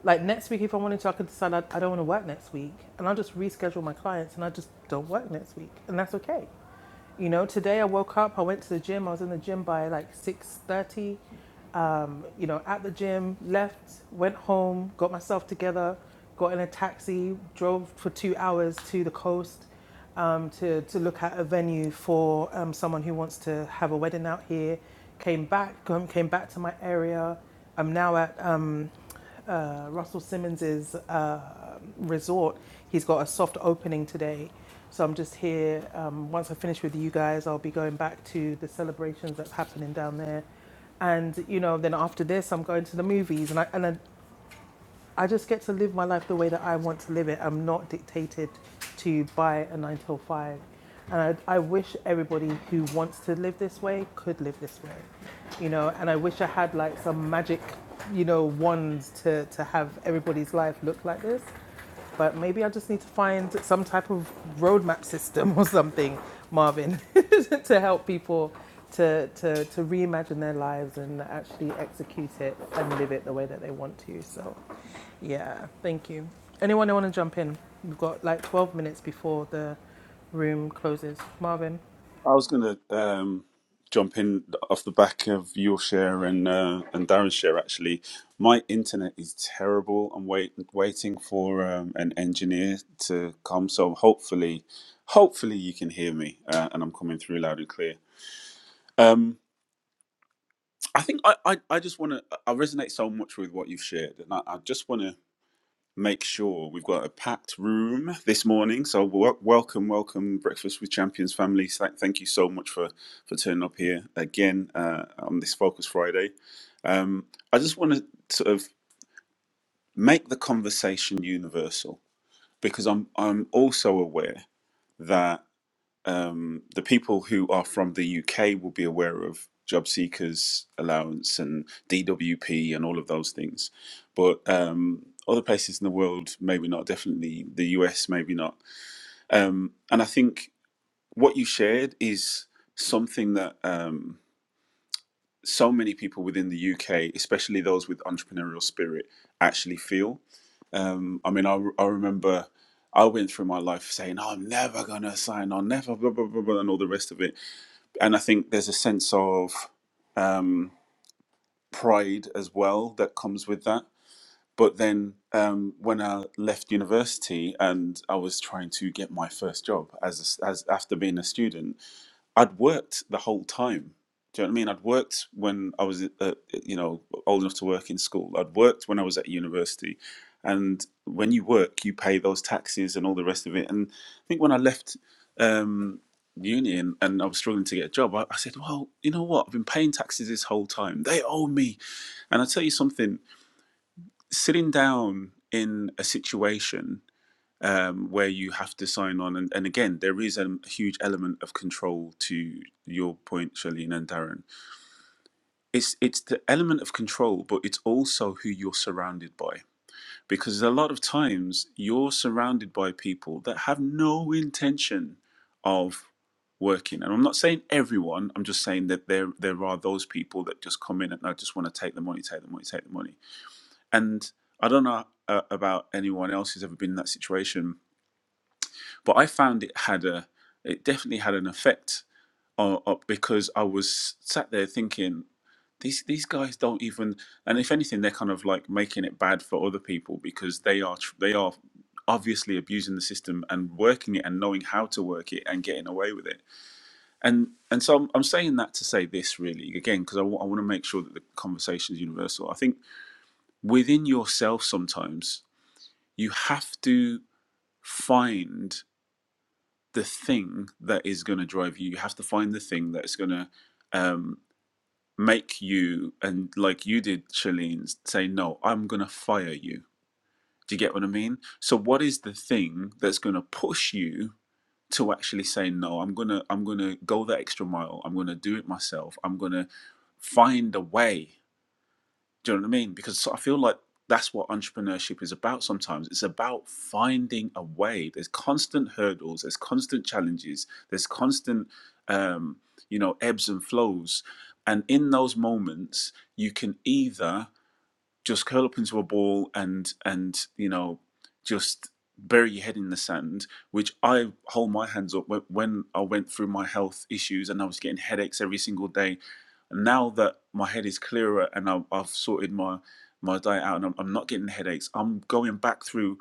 Speaker 1: Like next week, if I wanted to, I could decide I, I don't want to work next week, and I'll just reschedule my clients, and I just don't work next week, and that's okay. You know, today I woke up, I went to the gym, I was in the gym by like 6.30, um, you know, at the gym, left, went home, got myself together, got in a taxi, drove for two hours to the coast um, to, to look at a venue for um, someone who wants to have a wedding out here. Came back, um, came back to my area. I'm now at uh, Russell Simmons's uh, resort. He's got a soft opening today. So I'm just here. Um, once I finish with you guys, I'll be going back to the celebrations that's happening down there. And, you know, then after this, I'm going to the movies. And I, and I, I just get to live my life the way that I want to live it. I'm not dictated to by a nine till five. And I, I wish everybody who wants to live this way could live this way, you know. And I wish I had like some magic, you know, wands to, to have everybody's life look like this. But maybe I just need to find some type of roadmap system or something, Marvin, to help people to, to, to reimagine their lives and actually execute it and live it the way that they want to. So, yeah, thank you. Anyone who want to jump in? We've got like 12 minutes before the room closes. Marvin?
Speaker 8: I was going to um, jump in off the back of your share and uh, and Darren's share. Actually, my internet is terrible. I'm wait, waiting for um, an engineer to come, so hopefully, hopefully you can hear me uh, and I'm coming through loud and clear. Um, I think I, I, I just want to. I resonate so much with what you've shared, and I, I just want to make sure we've got a packed room this morning. So wel- welcome, welcome, Breakfast with Champions family. Th- Thank you so much for for turning up here again uh, on this Focus Friday. Um, I just want to sort of make the conversation universal because I'm I'm also aware that um, the people who are from the UK will be aware of job seekers allowance and DWP and all of those things, but um, other places in the world maybe not. Definitely the US maybe not. Um, and I think what you shared is something that um, so many people within the UK, especially those with entrepreneurial spirit, actually feel. Um, I mean, I, re- I remember I went through my life saying, "Oh, "I'm never gonna sign on, never blah blah blah,", blah and all the rest of it and I think there's a sense of um, pride as well that comes with that. But then um, when I left university and I was trying to get my first job as a, as after being a student, I'd worked the whole time. Do you know what I mean? I'd worked when I was, uh, uh, you know, old enough to work in school. I'd worked when I was at university, and when you work, you pay those taxes and all the rest of it. And I think when I left um, uni and, and I was struggling to get a job, I, I said, "Well, you know what? I've been paying taxes this whole time. They owe me." And I tell you something: sitting down in a situation um, where you have to sign on. And, and again, there is a huge element of control to your point, Charlene and Darren. It's it's the element of control, but it's also who you're surrounded by. Because a lot of times you're surrounded by people that have no intention of working. And I'm not saying everyone, I'm just saying that there there are those people that just come in and I just want to take the money, take the money, take the money. And I don't know uh, about anyone else who's ever been in that situation, but I found it had a it definitely had an effect on, on- because I was sat there thinking these these guys don't even and if anything they're kind of like making it bad for other people because they are tr- they are obviously abusing the system and working it and knowing how to work it and getting away with it and and so I'm, I'm saying that to say this really again because I want to make sure that the conversation is universal I think within yourself sometimes you have to find the thing that is going to drive you. You have to find the thing that's going to um, make you, and like you did, Shalene, say, No, I'm going to fire you. Do you get what I mean? So, what is the thing that's going to push you? to actually say no i'm going to i'm going to go the extra mile i'm going to do it myself i'm going to find a way do you know what I mean? Because I feel like that's what entrepreneurship is about sometimes. It's about finding a way. There's constant hurdles, there's constant challenges, there's constant, um, you know, ebbs and flows. And in those moments, you can either just curl up into a ball and and you know just bury your head in the sand which i hold my hands up when, i went through my health issues and i was getting headaches every single day and now that my head is clearer and I, i've sorted my my diet out and I'm, I'm not getting headaches i'm going back through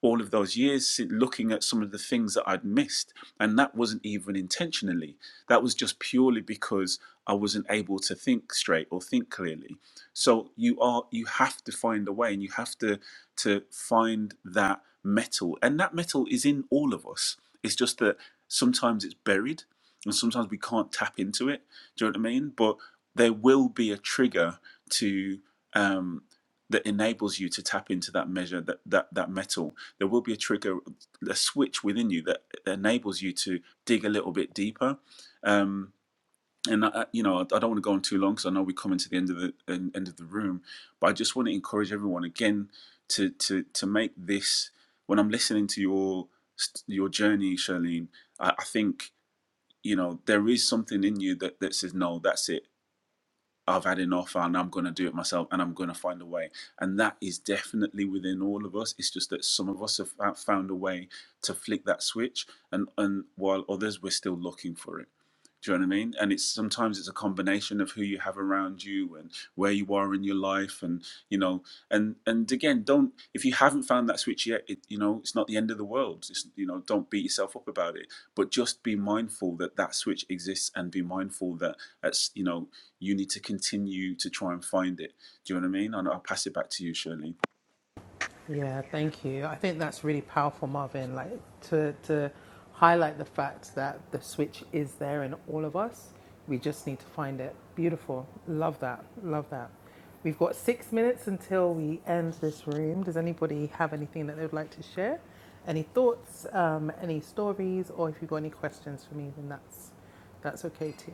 Speaker 8: all of those years si- looking at some of the things that I'd missed. And that wasn't even intentionally. That was just purely because I wasn't able to think straight or think clearly. So you are you have to find a way and you have to to find that metal. And that metal is in all of us. It's just that sometimes it's buried and sometimes we can't tap into it. Do you know what I mean? But there will be a trigger to um, that enables you to tap into that measure that that that metal there will be a trigger, a switch within you that, enables you to dig a little bit deeper. Um, and I, you know, I, don't want to go on too long because I know we're coming to the end of the end of the room, but I just want to encourage everyone again to to to make this. When I'm listening to your your journey, Charlene, I, I think you know there is something in you that that says no, that's it I've had enough and I'm going to do it myself and I'm going to find a way. And that is definitely within all of us. It's just that some of us have found a way to flick that switch and, and while others, we're still looking for it. Do you know what I mean? And it's sometimes it's a combination of who you have around you and where you are in your life, and you know, and and again, don't if you haven't found that switch yet, it, you know, it's not the end of the world. It's, you know, don't beat yourself up about it but just be mindful that that switch exists and be mindful that that's you know you need to continue to try and find it do you know what i mean and i'll pass it back to you shirley
Speaker 1: Yeah, thank you. I think that's really powerful, Marvin. Like to to highlight the fact that the switch is there in all of us. We just need to find it. Beautiful. Love that. Love that. We've got six minutes until we end this room. Does anybody have anything that they would like to share? Any thoughts? Um, any stories? Or if you've got any questions for me, then that's that's okay too.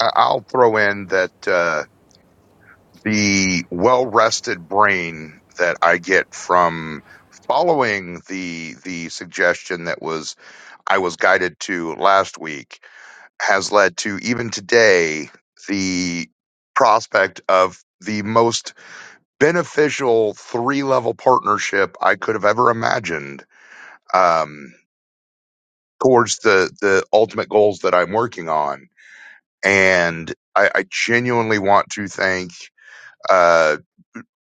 Speaker 4: I- I'll throw in that uh, the well rested brain that I get from following the the suggestion that was I was guided to last week has led to even today the prospect of the most beneficial three level partnership I could have ever imagined um, towards the the ultimate goals that I'm working on. And I, I genuinely want to thank uh,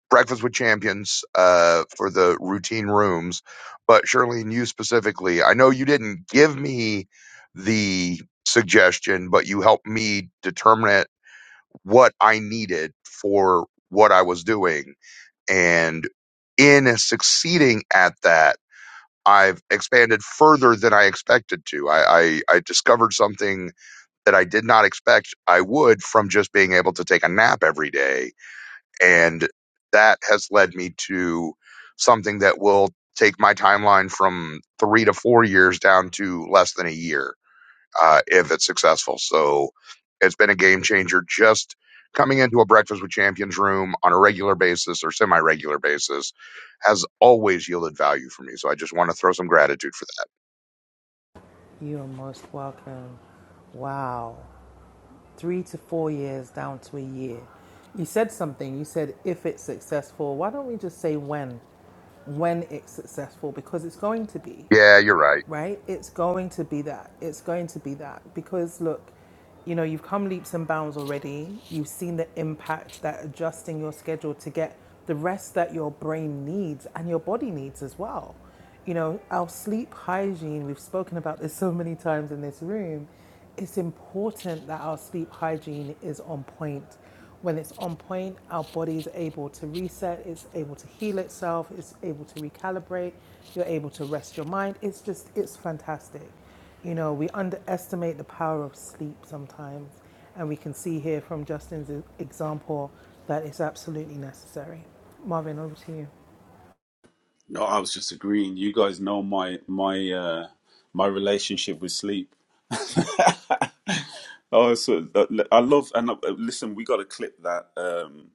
Speaker 4: Breakfast with Champions uh, for the routine rooms, but Shirley and you specifically. I know you didn't give me the suggestion, but you helped me determine it what I needed for what I was doing. And in succeeding at that, I've expanded further than I expected to. I, I, I discovered something that I did not expect I would from just being able to take a nap every day. And that has led me to something that will take my timeline from three to four years down to less than a year uh, if it's successful. So it's been a game changer just coming into a breakfast with champions room on a regular basis or semi regular basis has always yielded value for me. So I just want to throw some gratitude for that.
Speaker 1: You are most welcome. Wow. three to four years down to a year. You said something. You said if it's successful, why don't we just say when? When it's successful, because it's going to be,
Speaker 4: Yeah, you're right.
Speaker 1: right? It's going to be that. It's going to be that. Because look, you know, you've come leaps and bounds already. You've seen the impact that adjusting your schedule to get the rest that your brain needs and your body needs as well. You know, our sleep hygiene, we've spoken about this so many times in this room it's important that our sleep hygiene is on point. When it's on point, our body is able to reset, it's able to heal itself, it's able to recalibrate, you're able to rest your mind. It's just, it's fantastic. You know, we underestimate the power of sleep sometimes, and we can see here from Justin's e- example that it's absolutely necessary. Marvin, over to you.
Speaker 8: no i was just agreeing you guys know my my uh my relationship with sleep oh so i love and uh, listen we got to clip that um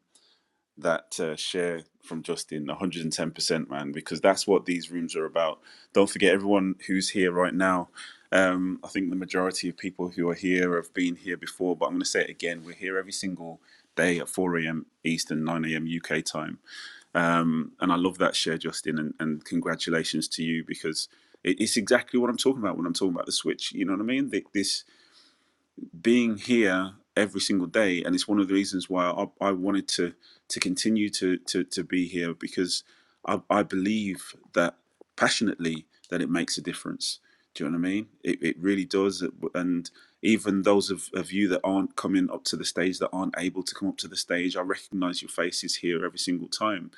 Speaker 8: that uh, share from Justin, 110%, man, because that's what these rooms are about. Don't forget everyone who's here right now. Um, I think the majority of people who are here have been here before, but I'm going to say it again. We're here every single day at 4 a.m. Eastern, 9 a.m. UK time. And I love that share, Justin, and, and congratulations to you because it, it's exactly what I'm talking about when I'm talking about the switch. You know what I mean? The, this being here every single day and it's one of the reasons why I, I wanted to to continue to to, to be here because I, I believe that passionately that it makes a difference do you know what I mean it, it really does and even those of, of you that aren't coming up to the stage that aren't able to come up to the stage I recognize your faces here every single time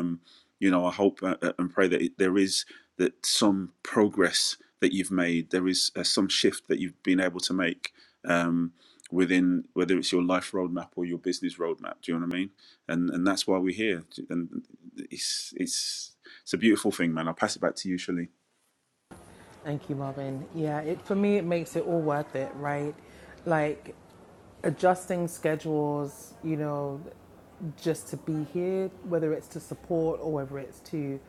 Speaker 8: um, you know, I hope uh, uh, and pray that there is that some progress that you've made, there is uh, some shift that you've been able to make um, within whether it's your life roadmap or your business roadmap. Do you know what I mean? And and that's why we're here. And it's it's it's a beautiful thing, man. I'll pass it back to you, Shalene.
Speaker 1: Thank you, Marvin. Yeah, it for me it makes it all worth it, right? Like adjusting schedules, you know, just to be here, whether it's to support or whether it's to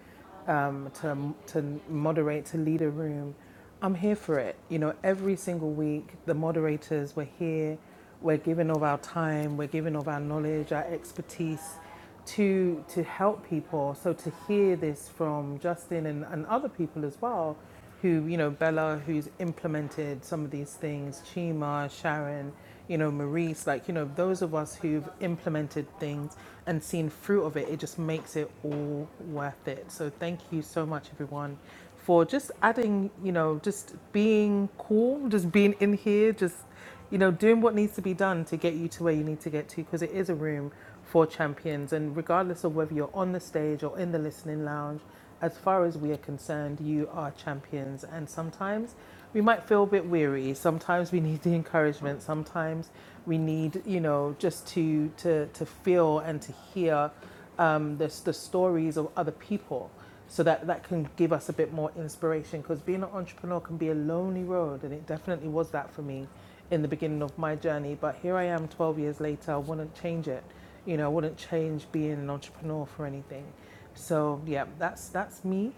Speaker 1: um, to to moderate, to lead a room. I'm here for it. You know, every single week, the moderators were here. We're giving of our time. We're giving of our knowledge, our expertise to to help people. So to hear this from Justin and, and other people as well, who you know Bella, who's implemented some of these things, Chima, Sharon, you know Maurice, like you know those of us who've implemented things and seen fruit of it, it just makes it all worth it. So thank you so much, everyone. For just adding, you know, just being cool, just being in here, just you know, doing what needs to be done to get you to where you need to get to, because it is a room for champions. And regardless of whether you're on the stage or in the listening lounge, as far as we are concerned, you are champions. And sometimes we might feel a bit weary. Sometimes we need the encouragement. Sometimes we need, you know, just to to to feel and to hear um, the, the stories of other people so that that can give us a bit more inspiration because being an entrepreneur can be a lonely road and it definitely was that for me in the beginning of my journey but here i am 12 years later i wouldn't change it you know i wouldn't change being an entrepreneur for anything so yeah that's that's me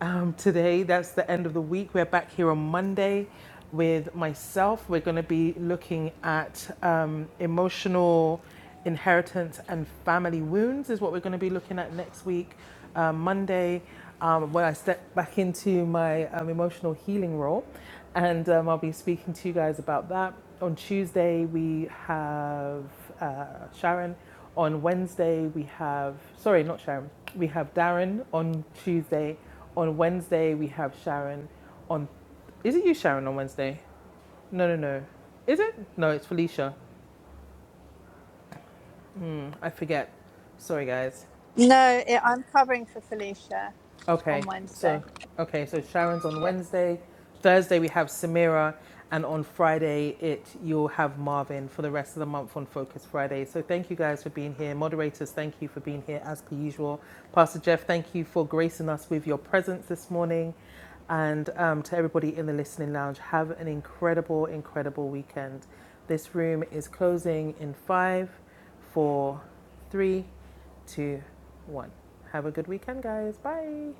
Speaker 1: um, today. That's the end of the week. We're back here on Monday with myself. We're going to be looking at um, emotional inheritance and family wounds, is what we're going to be looking at next week, uh, Monday, um, when I step back into my um, emotional healing role. And um, I'll be speaking to you guys about that. On Tuesday, we have uh, Sharon on Wednesday we have sorry, not Sharon. We have Darren on Tuesday, on Wednesday, we have Sharon. On is it you, Sharon, on Wednesday? No, no, no. Is it? No, it's Felicia. Hmm, I forget. Sorry, guys.
Speaker 9: No, it, I'm covering for Felicia on
Speaker 1: Okay,
Speaker 9: Wednesday.
Speaker 1: so okay, so Sharon's on
Speaker 9: Yeah.
Speaker 1: Wednesday. Thursday we have Samira, and on Friday it you'll have Marvin for the rest of the month on Focus Friday. So thank you guys for being here, moderators. Thank you for being here as per usual. Pastor Jeff, thank you for gracing us with your presence this morning. And um, to everybody in the listening lounge, have an incredible, incredible weekend. This room is closing in five, four, three, two, one. Have a good weekend, guys. Bye.